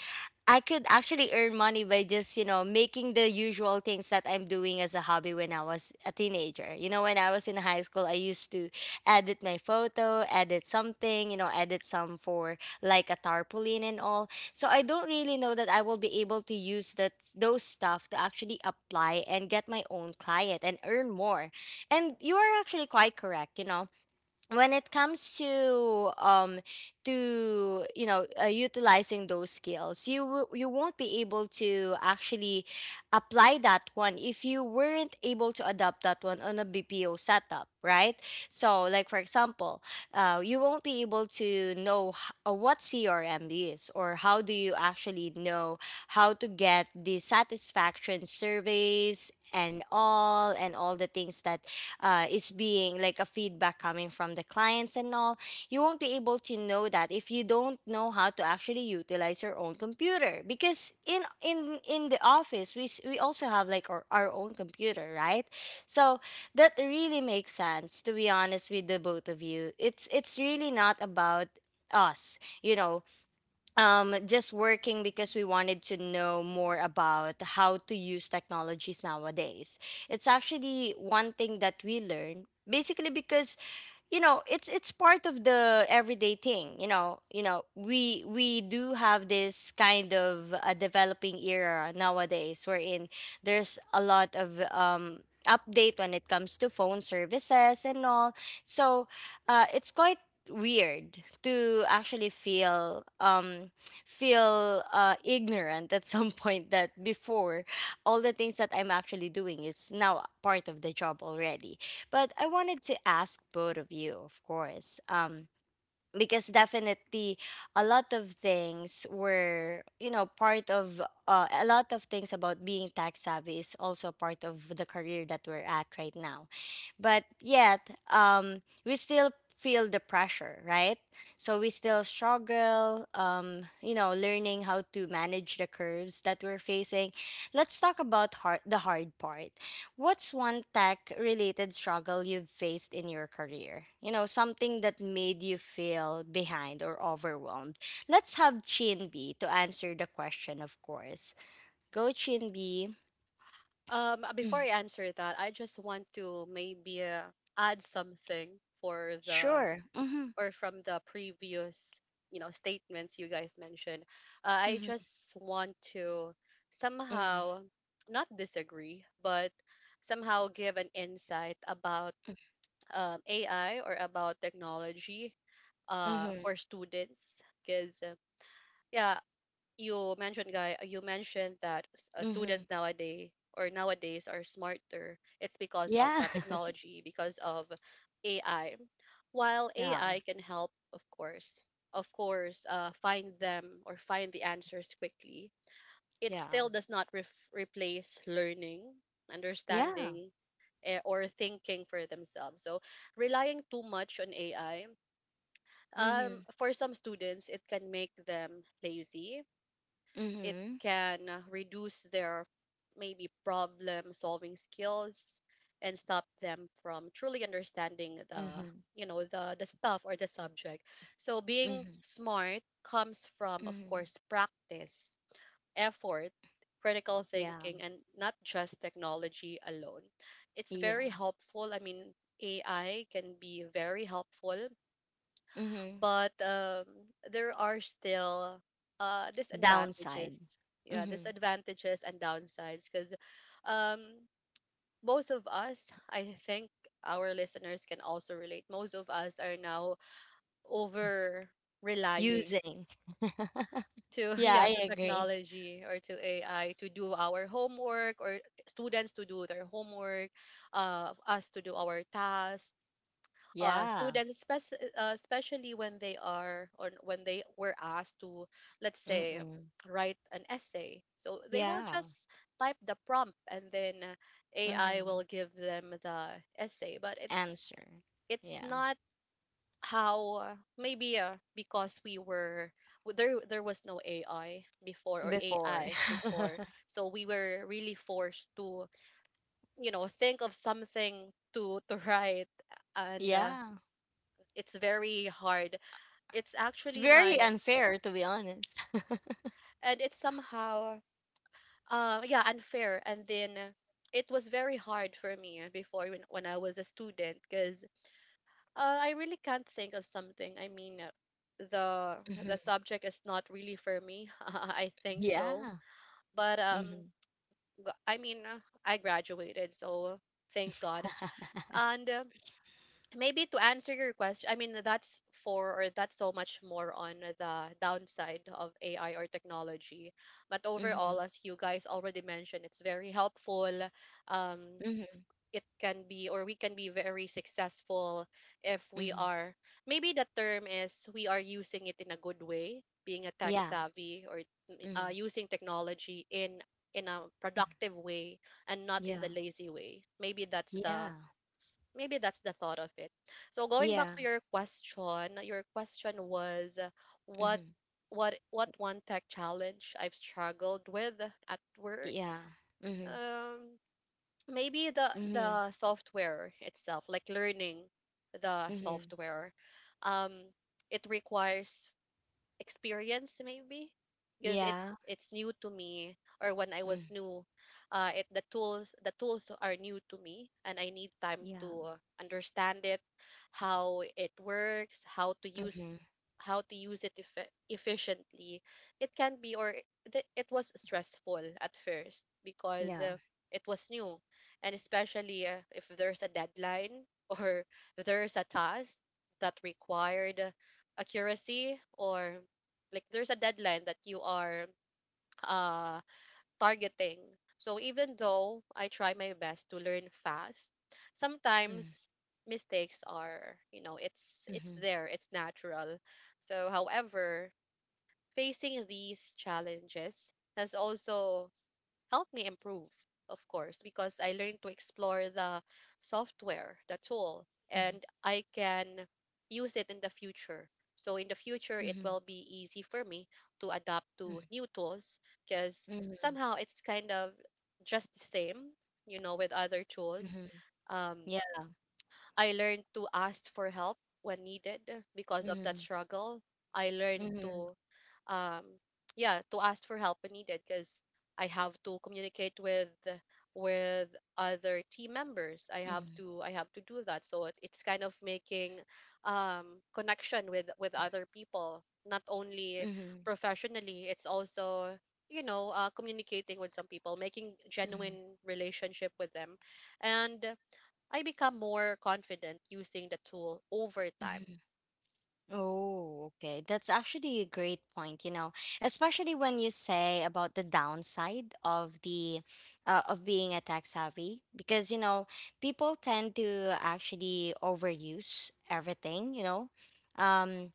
Speaker 1: I could actually earn money by just, you know, making the usual things that I'm doing as a hobby when I was a teenager. You know, when I was in high school, I used to edit my photo, edit something, you know, edit some for like a tarpaulin and all. So I don't really know that I will be able to use that those stuff to actually apply and get my own client and earn more. And you are actually quite correct, you know, when it comes to you know, utilizing those skills. You won't be able to actually apply that one if you weren't able to adopt that one on a BPO setup, right? So like for example, you won't be able to know what CRM is or how do you actually know how to get the satisfaction surveys and all, and all the things that is being like a feedback coming from the clients and all. You won't be able to know that if you don't know how to actually utilize your own computer, because in the office we also have like our own computer, right? So that really makes sense, to be honest. With the both of you, it's really not about us, you know, just working because we wanted to know more about how to use technologies nowadays. It's actually one thing that we learned basically because it's part of the everyday thing, you know. We do have this kind of a developing era nowadays, wherein there's a lot of update when it comes to phone services and all. So, it's quite weird to actually feel ignorant at some point, that before all the things that I'm actually doing is now part of the job already. But I wanted to ask both of you, of course, because definitely a lot of things were, you know, part of a lot of things about being tax savvy is also part of the career that we're at right now. But yet, we still feel the pressure, right? So we still struggle, you know, learning how to manage the curves that we're facing. Let's talk about the hard part. What's one tech related struggle you've faced in your career? You know, something that made you feel behind or overwhelmed. Let's have Chin B to answer the question, of course. Go, Chin B.
Speaker 3: Before
Speaker 1: Mm.
Speaker 3: I answer that, I just want to maybe add something for the,
Speaker 1: Sure. Mm-hmm.
Speaker 3: or from the previous, you know, statements you guys mentioned. I
Speaker 1: Mm-hmm.
Speaker 3: just want to
Speaker 1: Mm-hmm.
Speaker 3: somehow not disagree, but somehow give an insight about AI or about technology
Speaker 1: Mm-hmm.
Speaker 3: for students. Because you mentioned guy you mentioned that
Speaker 1: Mm-hmm.
Speaker 3: students nowadays, or nowadays are smarter, it's because of
Speaker 1: Yeah.
Speaker 3: the technology, because of AI. While
Speaker 1: Yeah.
Speaker 3: AI can help, of course, find them, or find the answers quickly, it
Speaker 1: Yeah.
Speaker 3: still does not replace learning,
Speaker 1: Yeah.
Speaker 3: understanding, or thinking for themselves. So relying too much on AI,
Speaker 1: Mm-hmm.
Speaker 3: for some students, it can make them lazy. It
Speaker 1: Mm-hmm.
Speaker 3: can reduce their, maybe, problem solving skills, and stop them from truly understanding the,
Speaker 1: Mm-hmm.
Speaker 3: you know, the stuff or the subject. So being
Speaker 1: Mm-hmm.
Speaker 3: smart comes from, of
Speaker 1: Mm-hmm.
Speaker 3: course, practice, effort, critical
Speaker 1: Yeah.
Speaker 3: thinking, and not just technology alone. It's very
Speaker 1: Yeah.
Speaker 3: helpful, I mean, AI can be very helpful,
Speaker 1: Mm-hmm.
Speaker 3: but there are still
Speaker 1: Downside.
Speaker 3: disadvantages. Yeah,
Speaker 1: Mm-hmm.
Speaker 3: disadvantages and downsides. Because um, most of us, I think our listeners can also relate. Most of us are now over relying
Speaker 1: Using.
Speaker 3: to,
Speaker 1: Yeah,
Speaker 3: yeah,
Speaker 1: I
Speaker 3: to
Speaker 1: agree.
Speaker 3: technology or to AI to do our homework, or students to do their homework, us to do our tasks,
Speaker 1: Yeah.
Speaker 3: students, especially when they are, or when they were asked to, let's say,
Speaker 1: Mm-mm.
Speaker 3: write an essay. So they will
Speaker 1: Yeah.
Speaker 3: just type the prompt, and then AI
Speaker 1: Mm-hmm.
Speaker 3: will give them the essay. But it's
Speaker 1: Answer.
Speaker 3: it's
Speaker 1: Yeah.
Speaker 3: not how, maybe because we were, there, there was no AI before, or
Speaker 1: Before.
Speaker 3: AI before, so we were really forced to, you know, think of something to write. And
Speaker 1: Yeah.
Speaker 3: it's very hard, it's
Speaker 1: It's
Speaker 3: actually
Speaker 1: very
Speaker 3: my,
Speaker 1: unfair, to be honest.
Speaker 3: and it's somehow, yeah, unfair. And then it was very hard for me before, when I was a student, because I really can't think of something, I mean, the the
Speaker 1: Hmm.
Speaker 3: subject is not really for me, I think so.
Speaker 1: Yeah.
Speaker 3: But
Speaker 1: Mm-hmm.
Speaker 3: I mean, I graduated, so thank God. And maybe to answer your question, I mean that's for, or that's so much more on the downside of AI or technology. But overall,
Speaker 1: Mm-hmm.
Speaker 3: as you guys already mentioned, it's very helpful. Um,
Speaker 1: Mm-hmm.
Speaker 3: it can be, or we can be very successful if we
Speaker 1: Mm-hmm.
Speaker 3: are, maybe the term is, we are using it in a good way, being a tech
Speaker 1: Yeah.
Speaker 3: savvy, or
Speaker 1: Mm-hmm.
Speaker 3: using technology in a productive way and not in the
Speaker 1: Yeah.
Speaker 3: lazy way. Maybe that's the,
Speaker 1: Yeah.
Speaker 3: maybe that's the thought of it. So going back
Speaker 1: Yeah.
Speaker 3: to your question was, what
Speaker 1: Mm-hmm.
Speaker 3: what one tech challenge I've struggled with at work?
Speaker 1: Yeah. Mm-hmm.
Speaker 3: Um Maybe the
Speaker 1: Mm-hmm.
Speaker 3: the software itself, like learning the
Speaker 1: Mm-hmm.
Speaker 3: software. Um it requires experience, maybe, because it's
Speaker 1: Yeah.
Speaker 3: it's new to me, or when I
Speaker 1: Mm.
Speaker 3: was new, it, the tools are new to me, and I need time
Speaker 1: Yeah.
Speaker 3: to understand it, how it works,
Speaker 1: Mm-hmm.
Speaker 3: how to use it efficiently. It can be, or it was stressful at first, because
Speaker 1: Yeah.
Speaker 3: it was new, and especially if there's a deadline, or if there's a task that required accuracy, or like there's a deadline that you are uh targeting. So even though I try my best to learn fast,
Speaker 1: Mm.
Speaker 3: sometimes mistakes are, you know, it's
Speaker 1: Mm-hmm.
Speaker 3: there, it's natural. So however, facing these challenges has also helped me improve, of course, because I learned to explore the software, the tool,
Speaker 1: Mm-hmm.
Speaker 3: and I can use it in the future. So in the future, it
Speaker 1: Mm-hmm.
Speaker 3: will be easy for me to adapt to new tools because
Speaker 1: Mm-hmm.
Speaker 3: somehow it's kind of just the same, you know, with other tools.
Speaker 1: Mm-hmm.
Speaker 3: Um, I learned to ask for help when needed because of that
Speaker 1: Mhm,
Speaker 3: struggle. I learned
Speaker 1: mhm,
Speaker 3: to, um yeah, to ask for help when needed, because I have to communicate with other team members.
Speaker 1: mhm,
Speaker 3: I have to do that. So it, it's kind of making connection with other people, not only
Speaker 1: mhm,
Speaker 3: professionally, it's also, you know, communicating with some people, making
Speaker 1: mhm,
Speaker 3: genuine relationship with them, and I become more confident using the tool over time.
Speaker 1: mhm. Oh, okay. That's actually a great point, you know, especially when you say about the downside of the of being a tech savvy, because you know people tend to actually overuse everything, you know. Um,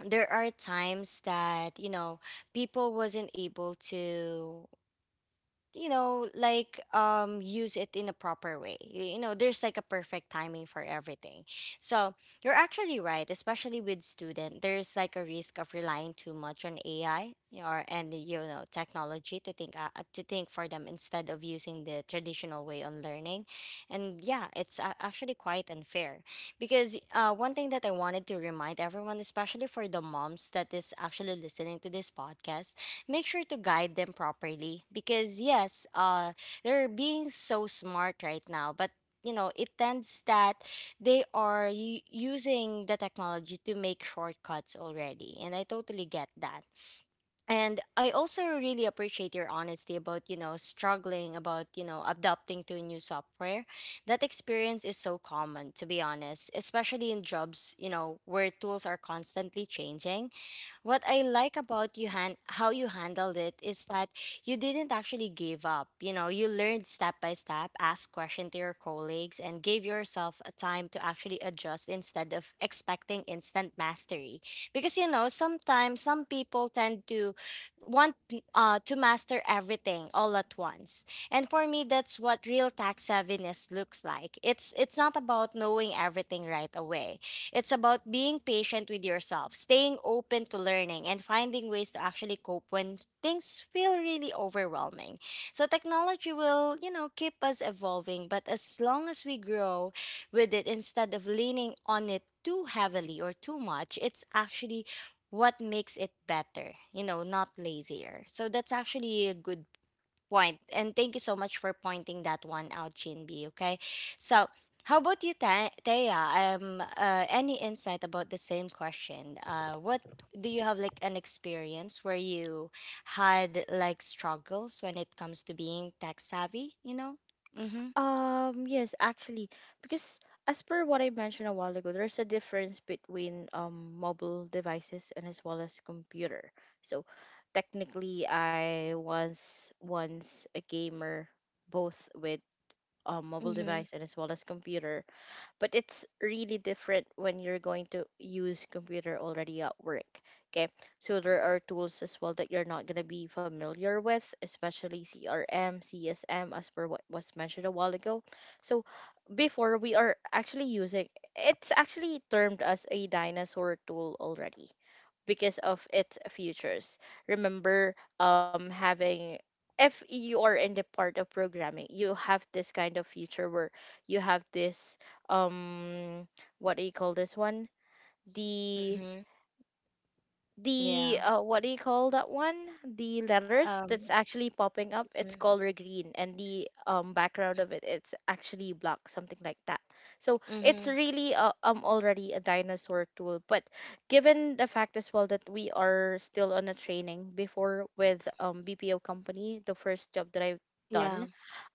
Speaker 1: there are times that you know people wasn't able to you know like use it in a proper way. You know there's like a perfect timing for everything. So you're actually right, especially with student there's like a risk of relying too much on AI or, and you know, technology to think for them instead of using the traditional way on learning. And yeah, it's actually quite unfair because, one thing that I wanted to remind everyone, especially for the moms that is actually listening to this podcast, make sure to guide them properly. Because yes, they're being so smart right now, but you know it tends that they are using the technology to make shortcuts already, and I totally get that. And I also really appreciate your honesty about, you know, struggling about, you know, adapting to new software. That experience is so common, to be honest, especially in jobs, you know, where tools are constantly changing. What I like about how you handled it is that you didn't actually give up. You know, you learned step by step, asked questions to your colleagues, and gave yourself a time to actually adjust instead of expecting instant mastery. Because you know, sometimes some people tend to want to master everything all at once. And for me, that's what real tax savviness looks like. It's not about knowing everything right away. It's about being patient with yourself, staying open to learning, and finding ways to actually cope when things feel really overwhelming. So technology will, you know, keep us evolving, but as long as we grow with it instead of leaning on it too heavily or too much, it's actually what makes it better, you know, not lazier. So that's actually a good point. And thank you so much for pointing that one out, Jinbi. Okay. So, how about you, Thea? Any insight about the same question? What do you have like an experience where you had like struggles when it comes to being tech savvy? Mm-hmm.
Speaker 2: Yes, actually, because as per what I mentioned a while ago, there's a difference between mobile devices and as well as computer. So technically, I was once a gamer, both with mobile
Speaker 1: Mm-hmm.
Speaker 2: device and as well as computer, but it's really different when you're going to use computer already at work. Okay, so there are tools as well that you're not going to be familiar with, especially CRM, CSM, as per what was mentioned a while ago. So before we are actually using, it's actually termed as a dinosaur tool already because of its futures. Remember, having, if you are in the part of programming, you have this kind of future where you have this um, what do you call this one? The
Speaker 1: Mm-hmm.
Speaker 2: the
Speaker 1: Yeah.
Speaker 2: uh, what do you call that one? The letters that's
Speaker 1: Um.
Speaker 2: actually popping up, it's
Speaker 1: Mm-hmm.
Speaker 2: color green, and the background of it, it's actually black, something like that. So it's
Speaker 1: Mm-hmm.
Speaker 2: really already a dinosaur tool, but given the fact as well that we are still on a training before with BPO company, the first job that I've
Speaker 1: Yeah.
Speaker 2: done,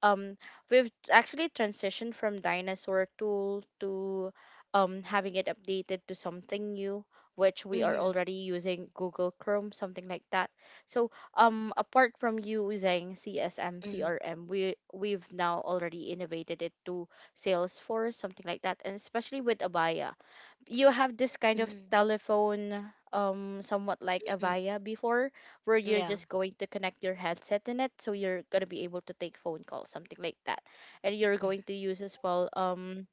Speaker 2: um we've actually transitioned from dinosaur tool to having it updated to something new, which we are
Speaker 1: Mm-hmm.
Speaker 2: already using Google Chrome, something like that. So apart from using CSM,
Speaker 1: Mm-hmm.
Speaker 2: CRM, we've now already innovated it to Salesforce, something like that, and especially with Abaya, you have this kind of
Speaker 1: Mm-hmm.
Speaker 2: telephone, somewhat like
Speaker 1: Mm-hmm.
Speaker 2: Avaya before, where you're
Speaker 1: Yeah.
Speaker 2: just going to connect your headset in it, so you're going to be able to take phone calls, something like that, and you're going to use as well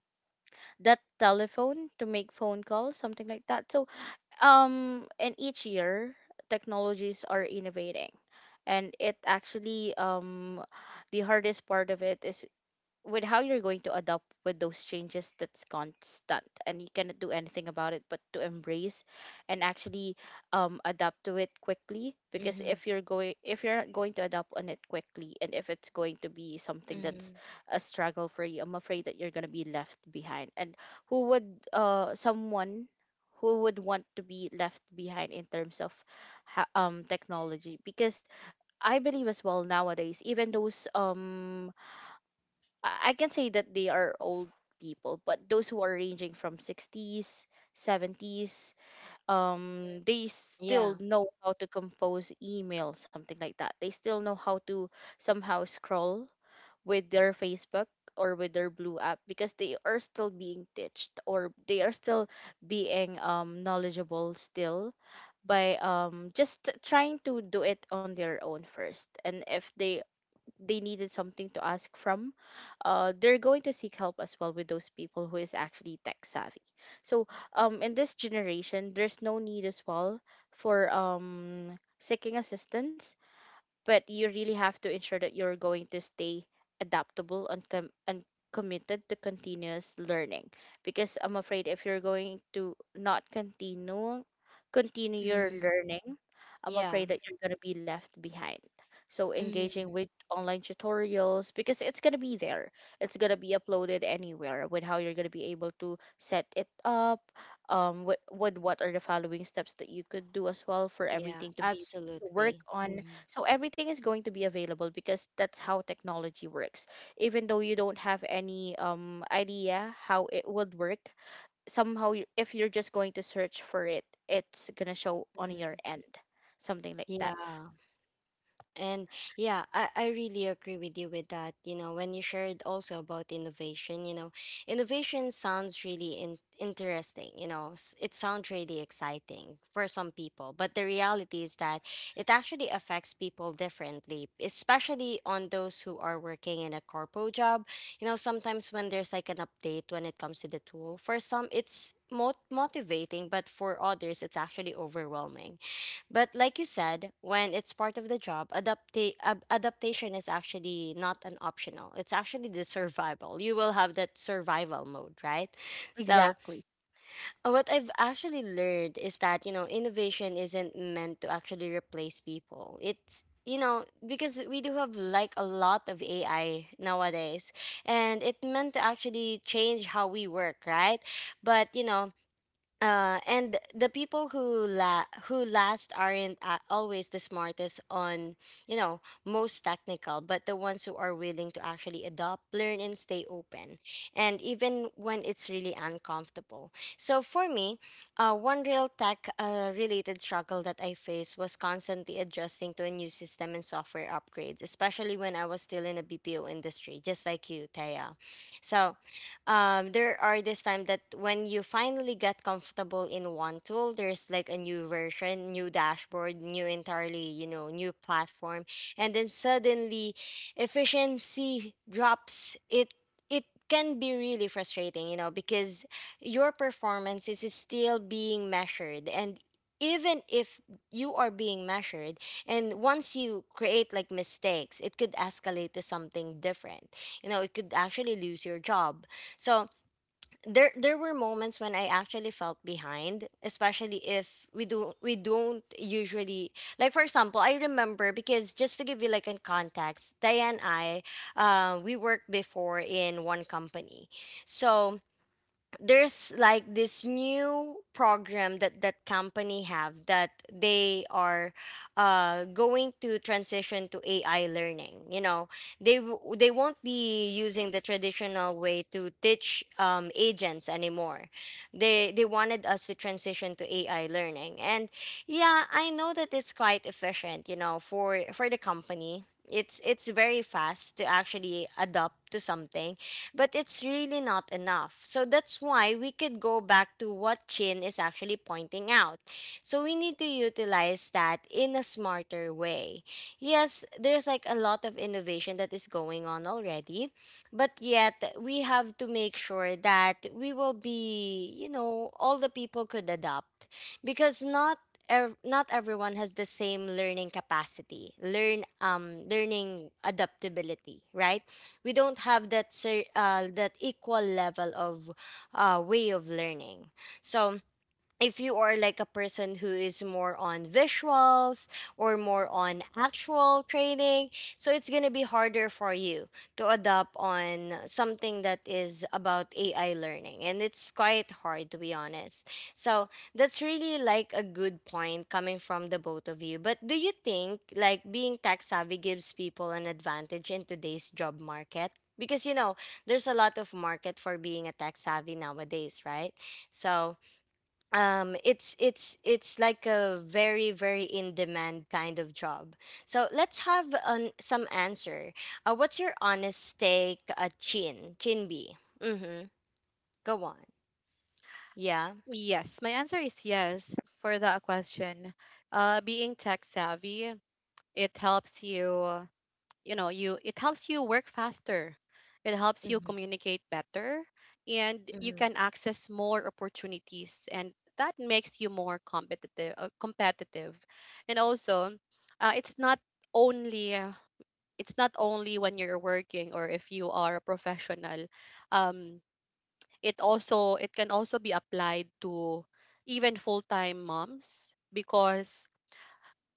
Speaker 2: that telephone to make phone calls, something like that. So and each year technologies are innovating, and it actually the hardest part of it is with how you're going to adapt with those changes that's constant, and you cannot do anything about it but to embrace and actually adapt to it quickly, because
Speaker 1: Mm-hmm.
Speaker 2: if you're going to adapt on it quickly, and if it's going to be something that's
Speaker 1: Mm-hmm.
Speaker 2: a struggle for you, I'm afraid that you're going to be left behind. And who would, someone who would want to be left behind in terms of technology, because I believe as well nowadays, even those I can say that they are old people, but those who are ranging from 60s, 70s, they
Speaker 1: Yeah.
Speaker 2: still know how to compose email, something like that. They still know how to somehow scroll with their Facebook or with their Blue app, because they are still being taught, or they are still being knowledgeable still by just trying to do it on their own first. And if they, they needed something to ask from, they're going to seek help as well with those people who is actually tech savvy. So in this generation, there's no need as well for seeking assistance, but you really have to ensure that you're going to stay adaptable, and committed to continuous learning, because I'm afraid if you're going to not continue, continue your
Speaker 1: Mm-hmm.
Speaker 2: learning, I'm
Speaker 1: Yeah.
Speaker 2: afraid that you're going to be left behind. So
Speaker 1: Mm-hmm.
Speaker 2: engaging with online tutorials, because it's going to be there, it's going to be uploaded anywhere, with how you're going to be able to set it up with what are the following steps that you could do as well for
Speaker 1: Yeah,
Speaker 2: everything to be to work
Speaker 1: absolutely.
Speaker 2: on. So everything is going to be available, because that's how technology works. Even though you don't have any idea how it would work, somehow you, if you're just going to search for it, it's gonna show on your
Speaker 1: Hmm
Speaker 2: end, something like that.
Speaker 1: Yeah. And yeah, I really agree with you with that. You know, when you shared also about innovation, you know, innovation sounds really interesting. You know, it sounds really exciting for some people. But the reality is that it actually affects people differently, especially on those who are working in a corpo job. You know, sometimes when there's like an update when it comes to the tool, for some it's motivating, but for others, it's actually overwhelming. But like you said, when it's part of the job, adaptation is actually not an optional. It's actually the survival. You will have that survival mode, right? So,
Speaker 2: Exactly.
Speaker 1: what I've actually learned is that, you know, innovation isn't meant to actually replace people. It's you know, because we do have like a lot of AI nowadays, and it meant to actually change how we work, right? But you know, and the people who who last aren't always the smartest on, you know, most technical, but the ones who are willing to actually adopt, learn, and stay open, and even when it's really uncomfortable. So for me, one real tech related struggle that I faced was constantly adjusting to a new system and software upgrades, especially when I was still in a BPO industry, just like you, Taya. So there are this time that when you finally get comfortable in one tool, there's like a new version, new dashboard, new entirely, you know, new platform, and then suddenly efficiency drops. It can be really frustrating, you know, because your performance is still being measured, and even if you are being measured and once you create like mistakes, it could escalate to something different. You know, it could actually lose your job. So there were moments when I actually felt behind, especially if we don't usually. Like for example, I remember, because just to give you like in context, Diane and I, we worked before in one company. So there's like this new program that company have that they are going to transition to AI learning. You know, they won't be using the traditional way to teach agents anymore. They wanted us to transition to AI learning, and yeah, I know that it's quite efficient. You know, for the company, it's very fast to actually adapt to something, but it's really not enough. So that's why we could go back to what Chin is actually pointing out. So we need to utilize that in a smarter way. Yes, there's like a lot of innovation that is going on already, but yet we have to make sure that we will be, you know, all the people could adopt, because not not everyone has the same learning capacity, learn, learning adaptability, right? We don't have that that equal level of way of learning. So if you are like a person who is more on visuals or more on actual training, so it's going to be harder for you to adapt on something that is about AI learning, and it's quite hard to be honest. So that's really like a good point coming from the both of you, but do you think like being tech savvy gives people an advantage in today's job market? Because you know, there's a lot of market for being a tech savvy nowadays, right? So it's it's like a very, very in demand kind of job. So let's have an, some answer. What's your honest take, Chin, Chin B? Mm-hmm. Go on. Yeah.
Speaker 3: Yes, my answer is yes for that question. Being tech savvy, it helps you, you know, you it helps you work faster. It helps you
Speaker 1: Mm-hmm.
Speaker 3: communicate better, and you
Speaker 1: Mm-hmm.
Speaker 3: can access more opportunities, and that makes you more competitive. And also, uh, it's not only uh, it's not only when you're working, or if you are a professional. Um, it also, it can also be applied to even full-time moms. Because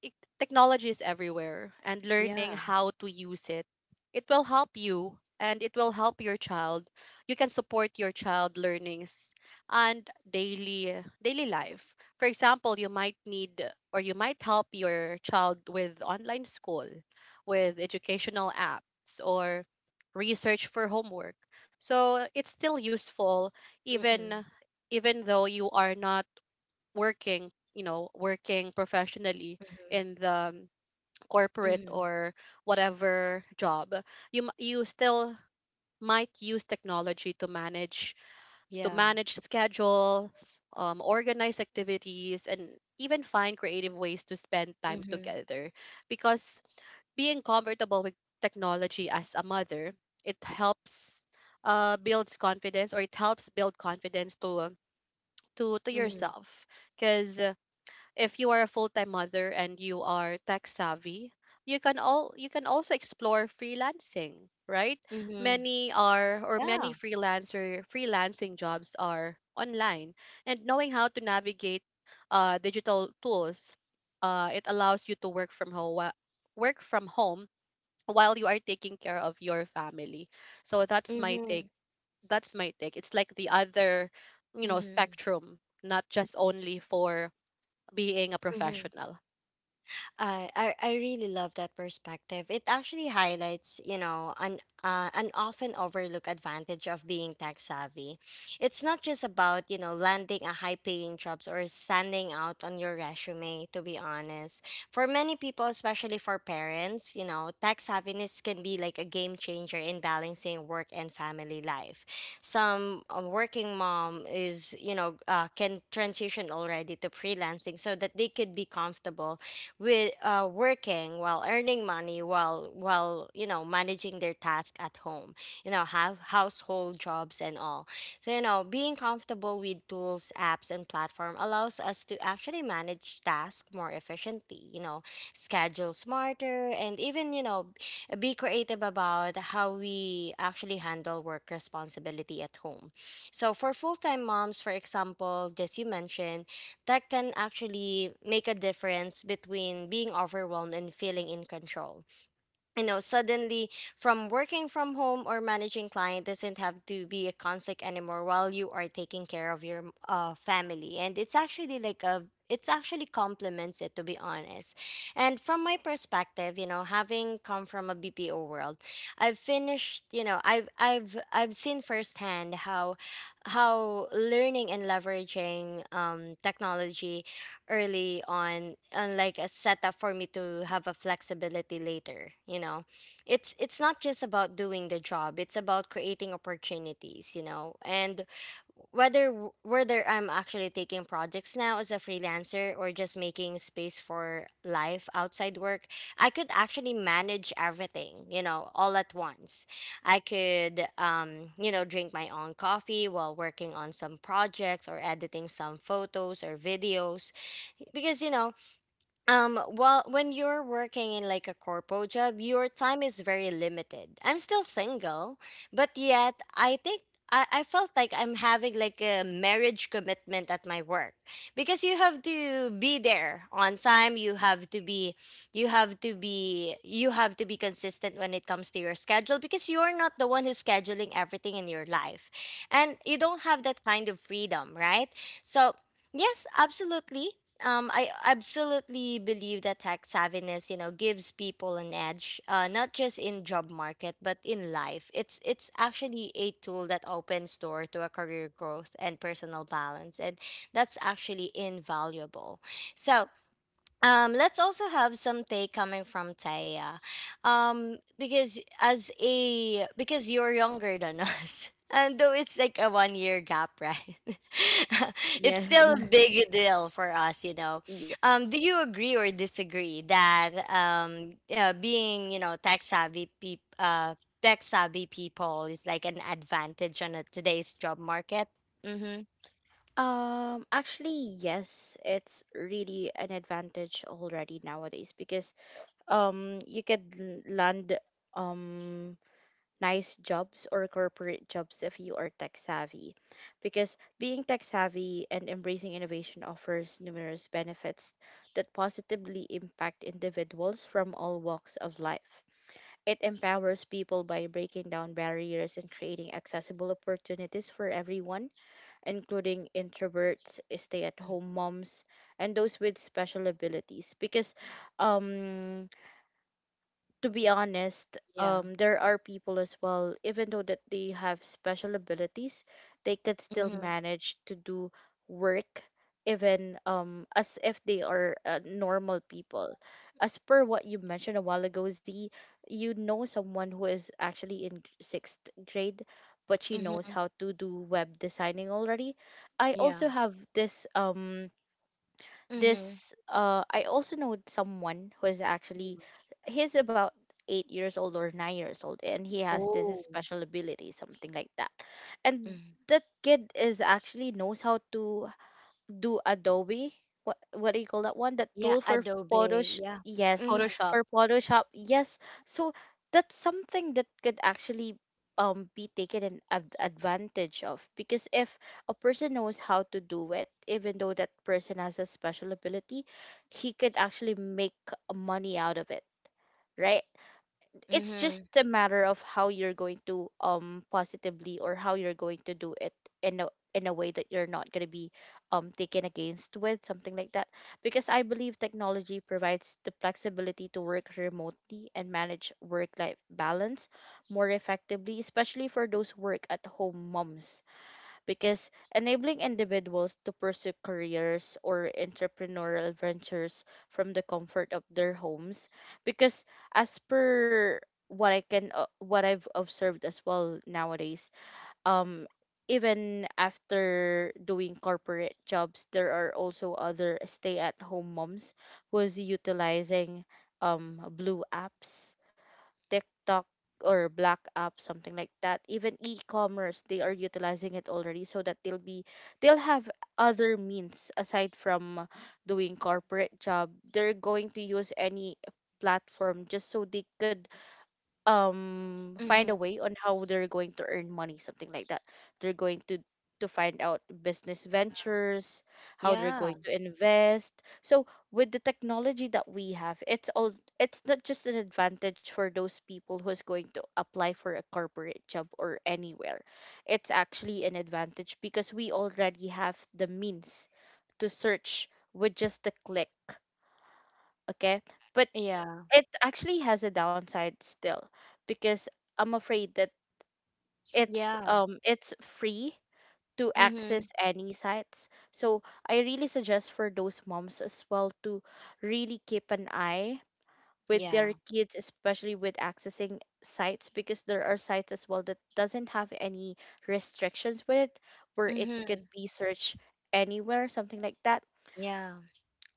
Speaker 3: it, technology is everywhere, and learning
Speaker 1: Yeah.
Speaker 3: how to use it, it will help you, and it will help your child. You can support your child learnings and daily life. For example, you might need, or you might help your child with online school, with educational apps, or research for homework. So it's still useful,
Speaker 1: Mm-hmm.
Speaker 3: even, even though you are not working, you know, working professionally
Speaker 1: Mm-hmm.
Speaker 3: in the corporate,
Speaker 1: Mm-hmm.
Speaker 3: or whatever job. You you still might use technology to manage, to
Speaker 1: Yeah.
Speaker 3: manage schedules, organize activities, and even find creative ways to spend time
Speaker 1: Mm-hmm.
Speaker 3: together. Because being comfortable with technology as a mother, it helps, builds confidence, or it helps build confidence to, to
Speaker 1: Mm-hmm.
Speaker 3: yourself. Because if you are a full-time mother and you are tech savvy, you can also explore freelancing, right?
Speaker 1: Mm-hmm.
Speaker 3: Many are, or
Speaker 1: Yeah.
Speaker 3: many freelancer freelancing jobs are online, and knowing how to navigate digital tools, it allows you to work from home, work from home while you are taking care of your family. So that's my take,
Speaker 1: Mm-hmm.
Speaker 3: that's my take. It's like the other, you know,
Speaker 1: Mm-hmm.
Speaker 3: spectrum, not just only for being a
Speaker 1: Mm-hmm.
Speaker 3: professional.
Speaker 1: I really love that perspective. It actually highlights, you know, an often overlooked advantage of being tech savvy. It's not just about, you know, landing a high paying jobs or standing out on your resume. To be honest, for many people, especially for parents, you know, tech savviness can be like a game changer in balancing work and family life. Some working mom is, you know, can transition already to freelancing so that they could be comfortable with working while earning money, while you know, managing their task at home, you know, have household jobs and all. So, you know, being comfortable with tools, apps and platform allows us to actually manage tasks more efficiently, you know, schedule smarter, and even, you know, be creative about how we actually handle work responsibility at home. So for full-time moms, for example, as you mentioned, that can actually make a difference between being overwhelmed and feeling in control. You know, suddenly from working from home or managing client doesn't have to be a conflict anymore while you are taking care of your family. And it's actually like a, it's actually complements it, to be honest. And from my perspective, you know, having come from a BPO world, I've finished, you know, I've seen firsthand how learning and leveraging technology early on and like a setup for me to have a flexibility later, you know, it's not just about doing the job, it's about creating opportunities, you know, and whether I'm actually taking projects now as a freelancer or just making space for life outside work, I could actually manage everything, you know, all at once. I could you know, drink my own coffee while working on some projects or editing some photos or videos, because you know, while when you're working in like a corpo job, your time is very limited. I'm still single, but yet I think I felt like I'm having like a marriage commitment at my work, because you have to be there on time, you have to be consistent when it comes to your schedule, because you're not the one who's scheduling everything in your life, and you don't have that kind of freedom, right? So yes, absolutely, I absolutely believe that tax savviness, you know, gives people an edge, not just in job market but in life. It's actually a tool that opens door to a career growth and personal balance, and that's actually invaluable. So let's also have some take coming from Taya. Because as a, because you're younger than us. And though it's like a one year gap, right? It's still
Speaker 2: Yes.
Speaker 1: a big deal for us, you know.
Speaker 2: Yes.
Speaker 1: Do you agree or disagree that being, you know, tech savvy peop tech savvy people is like an advantage on a, today's job market? Mm-hmm.
Speaker 2: Actually, yes, it's really an advantage already nowadays because you could land um nice jobs or corporate jobs if you are tech savvy. Because being tech savvy and embracing innovation offers numerous benefits that positively impact individuals from all walks of life. It empowers people by breaking down barriers and creating accessible opportunities for everyone, including introverts, stay at home moms, and those with special abilities. Because um, to be honest,
Speaker 1: Yeah.
Speaker 2: there are people as well, even though that they have special abilities, they could still
Speaker 1: Mm-hmm.
Speaker 2: manage to do work, even as if they are normal people. As per what you mentioned a while ago, Z, you know someone who is actually in sixth grade, but she knows
Speaker 1: Mm-hmm.
Speaker 2: how to do web designing already. I
Speaker 1: Yeah.
Speaker 2: also have this
Speaker 1: Mm-hmm.
Speaker 2: I also know someone who is actually, he's about eight years old or nine years old, and he has this
Speaker 1: Oh.
Speaker 2: special ability, something like that. And
Speaker 1: Mhm.
Speaker 2: that kid is actually knows how to do Adobe. What do you call that one? That
Speaker 1: Yeah,
Speaker 2: tool for
Speaker 1: adobe.
Speaker 2: Photoshop.
Speaker 1: Yeah.
Speaker 2: Yes,
Speaker 1: Mm-hmm.
Speaker 3: Photoshop.
Speaker 2: for Photoshop. Yes. So that's something that could actually be taken an advantage of, because if a person knows how to do it, even though that person has a special ability, he could actually make money out of it, right? It's just
Speaker 1: Mm-hmm.
Speaker 2: a matter of how you're going to positively, or how you're going to do it in a, in a way that you're not going to be taken against with something like that. Because I believe technology provides the flexibility to work remotely and manage work life balance more effectively, especially for those work at home moms, because enabling individuals to pursue careers or entrepreneurial ventures from the comfort of their homes. Because as per what I can what I've observed as well nowadays, um even after doing corporate jobs, there are also other stay at home moms who's utilizing blue apps, TikTok, or Black App, something like that. Even e-commerce, they are utilizing it already, so that they'll be, they'll have other means aside from doing corporate job. They're going to use any platform just so they could find
Speaker 1: Mm-hmm.
Speaker 2: a way on how they're going to earn money, something like that. They're going to find out business ventures, how they're going
Speaker 1: Yeah.
Speaker 2: to invest. So with the technology that we have, it's all, it's not just an advantage for those people who's going to apply for a corporate job or anywhere. It's actually an advantage because we already have the means to search with just a click. Okay, but
Speaker 1: Yeah.
Speaker 2: it actually has a downside still, because I'm afraid that
Speaker 1: Yeah.
Speaker 2: it's free to
Speaker 1: Mm-hmm.
Speaker 2: access any sites. So I really suggest for those moms as well to really keep an eye with their
Speaker 1: Yeah.
Speaker 2: kids, especially with accessing sites, because there are sites as well that doesn't have any restrictions with it, where it could
Speaker 1: Mm-hmm.
Speaker 2: be searched anywhere, something like that.
Speaker 1: Yeah.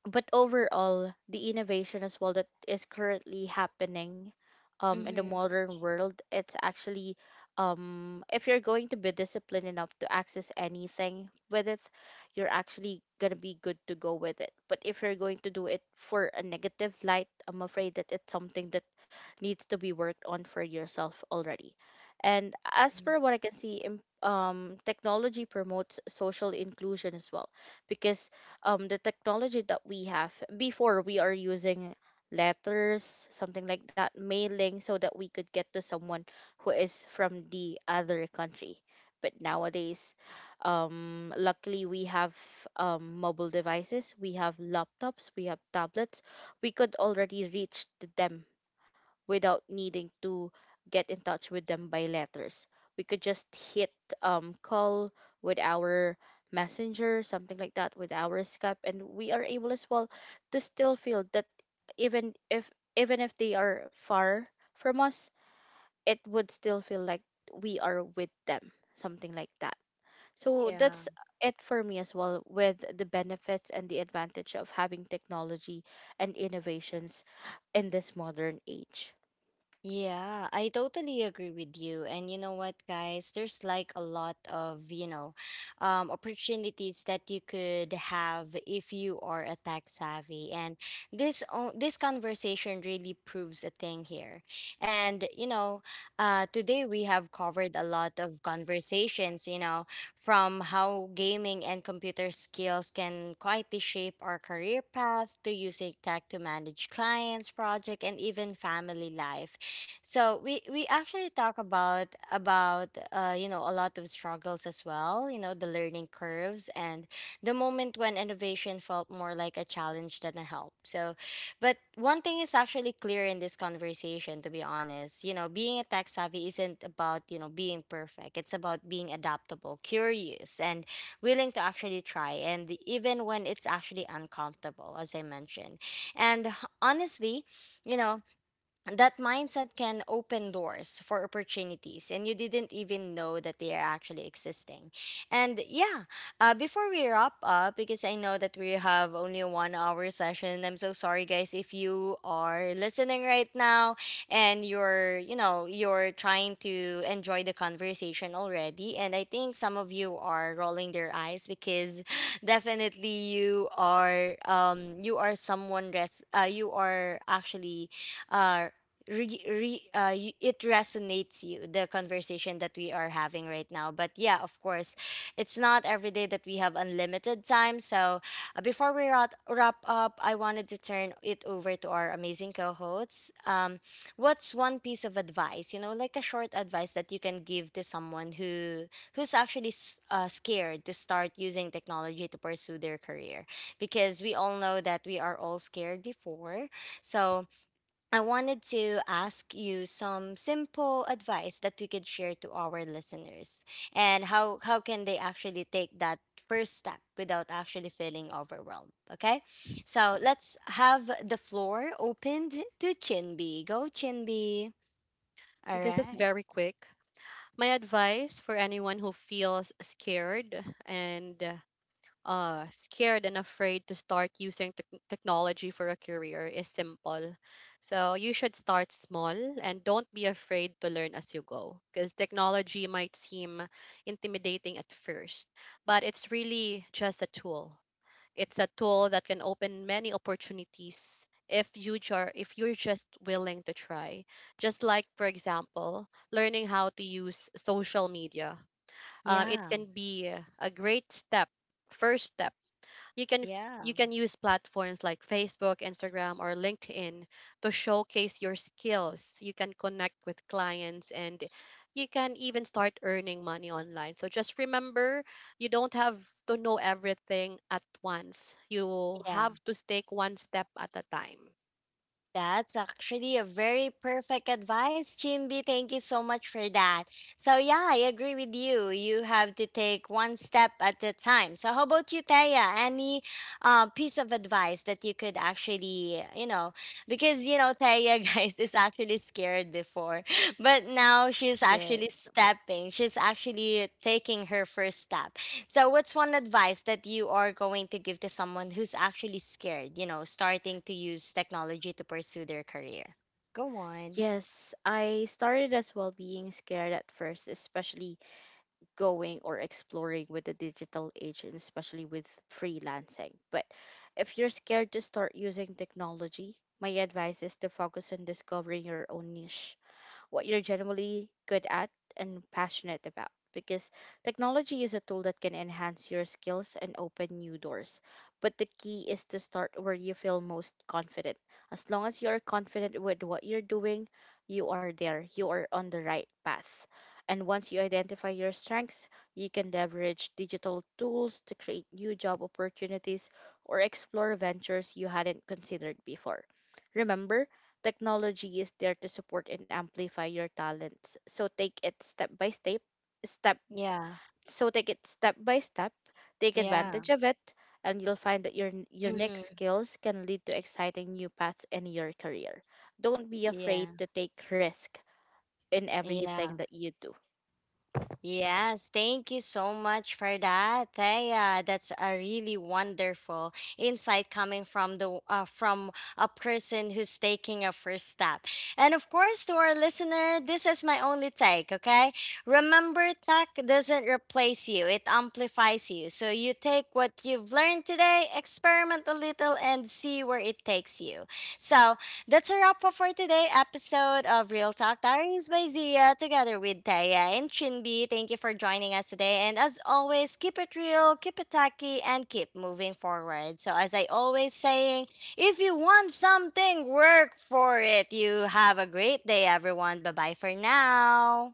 Speaker 2: But overall, the innovation as well that is currently happening in the
Speaker 1: Mm-hmm.
Speaker 2: modern world, it's actually if you're going to be disciplined enough to access anything with it, you're actually gonna be good to go with it. But if you're going to do it for a negative light, I'm afraid that it's something that needs to be worked on for yourself already. And as per what I can see, technology promotes social inclusion as well, because the technology that we have before, we are using letters, something like that, mailing, so that we could get to someone who is from the other country. But nowadays, luckily we have mobile devices, we have laptops, we have tablets. We could already reach to them without needing to get in touch with them by letters. We could just hit call with our messenger, something like that, with our Skype, and we are able as well to still feel that even if, even if they are far from us, it would still feel like we are with them, something like that. So
Speaker 1: Yeah.
Speaker 2: that's it for me as well with the benefits and the advantage of having technology and innovations in this modern age.
Speaker 1: Yeah, I totally agree with you. And you know what, guys? There's like a lot of, you know, opportunities that you could have if you are a tech savvy. And this conversation really proves a thing here. And you know, today we have covered a lot of conversations. You know, from how gaming and computer skills can quietly shape our career path to using tech to manage clients, project, and even family life. So we actually talk about you know, a lot of struggles as well, you know, the learning curves and the moment when innovation felt more like a challenge than a help. So but one thing is actually clear in this conversation, to be honest, you know, being a tech savvy isn't about, you know, being perfect. It's about being adaptable, curious, and willing to actually try, and even when it's actually uncomfortable, as I mentioned. And honestly, you know, that mindset can open doors for opportunities, and you didn't even know that they are actually existing. And yeah, before we wrap up, because I know that we have only a one hour session. I'm so sorry guys if you are listening right now, and you're, you know, you're trying to enjoy the conversation already, and I think some of you are rolling their eyes because definitely you are, you are someone you are actually uh it resonates you the conversation that we are having right now. But yeah, of course, it's not every day that we have unlimited time. So before we wrap up, I wanted to turn it over to our amazing co-hosts. What's one piece of advice, you know, like a short advice that you can give to someone who who's actually scared to start using technology to pursue their career? Because we all know that we are all scared before. So I wanted to ask you some simple advice that we could share to our listeners, and how can they actually take that first step without actually feeling overwhelmed. Okay. So let's have the floor opened to Chinby. Go Chinby. All
Speaker 3: This is
Speaker 1: right.
Speaker 3: very quick. My advice for anyone who feels scared and, afraid to start using technology for a career is simple. So you should start small and don't be afraid to learn as you go, because technology might seem intimidating at first, but it's really just a tool. It's a tool that can open many opportunities if you are if you're just willing to try. Just like, for example, learning how to use social media. It
Speaker 1: Yeah.
Speaker 3: can be a great step, first step. You can,
Speaker 1: Yeah.
Speaker 3: you can use platforms like Facebook, Instagram, or LinkedIn to showcase your skills. You can connect with clients, and you can even start earning money online. So just remember, you don't have to know everything at once. You
Speaker 1: Yeah.
Speaker 3: have to take one step at a time.
Speaker 1: That's actually a very perfect advice, Jinbi. Thank you so much for that. So yeah, I agree with you. You have to take one step at a time. So how about you, Taya? Any piece of advice that you could actually, you know, because you know Taya, guys, is actually scared before, but now she's actually
Speaker 2: Yes.
Speaker 1: stepping. She's actually taking her first step. So, what's one advice that you are going to give to someone who's actually scared, you know, starting to use technology to pursue their career? Go on.
Speaker 2: Yes, I started as well being scared at first, especially going or exploring with the digital age and especially with freelancing. But if you're scared to start using technology, my advice is to focus on discovering your own niche, what you're generally good at and passionate about. Because technology is a tool that can enhance your skills and open new doors. But the key is to start where you feel most confident. As long as you're confident with what you're doing, you are there. You are on the right path. And once you identify your strengths, you can leverage digital tools to create new job opportunities or explore ventures you hadn't considered before. Remember, technology is there to support and amplify your talents. So take it step by step, step
Speaker 1: Yeah.
Speaker 2: so take it step by step, take
Speaker 1: Yeah.
Speaker 2: advantage of it, and you'll find that your next
Speaker 1: Hmm.
Speaker 2: skills can lead to exciting new paths in your career. Don't be afraid
Speaker 1: Yeah.
Speaker 2: to take risk in
Speaker 1: Yeah.
Speaker 2: everything that you do.
Speaker 1: Yes, thank you so much for that, Thea. That's a really wonderful insight coming from the from a person who's taking a first step. And of course, to our listener, this is my only take. Okay, remember, tech doesn't replace you; it amplifies you. So you take what you've learned today, experiment a little, and see where it takes you. So that's a wrap up for today episode of Real Talk Diaries by Zia together with Taya and Chinbi. Thank you for joining us today. And as always, keep it real, keep it tacky, and keep moving forward. So as I always saying, if you want something, work for it. You have a great day, everyone. Bye-bye for now.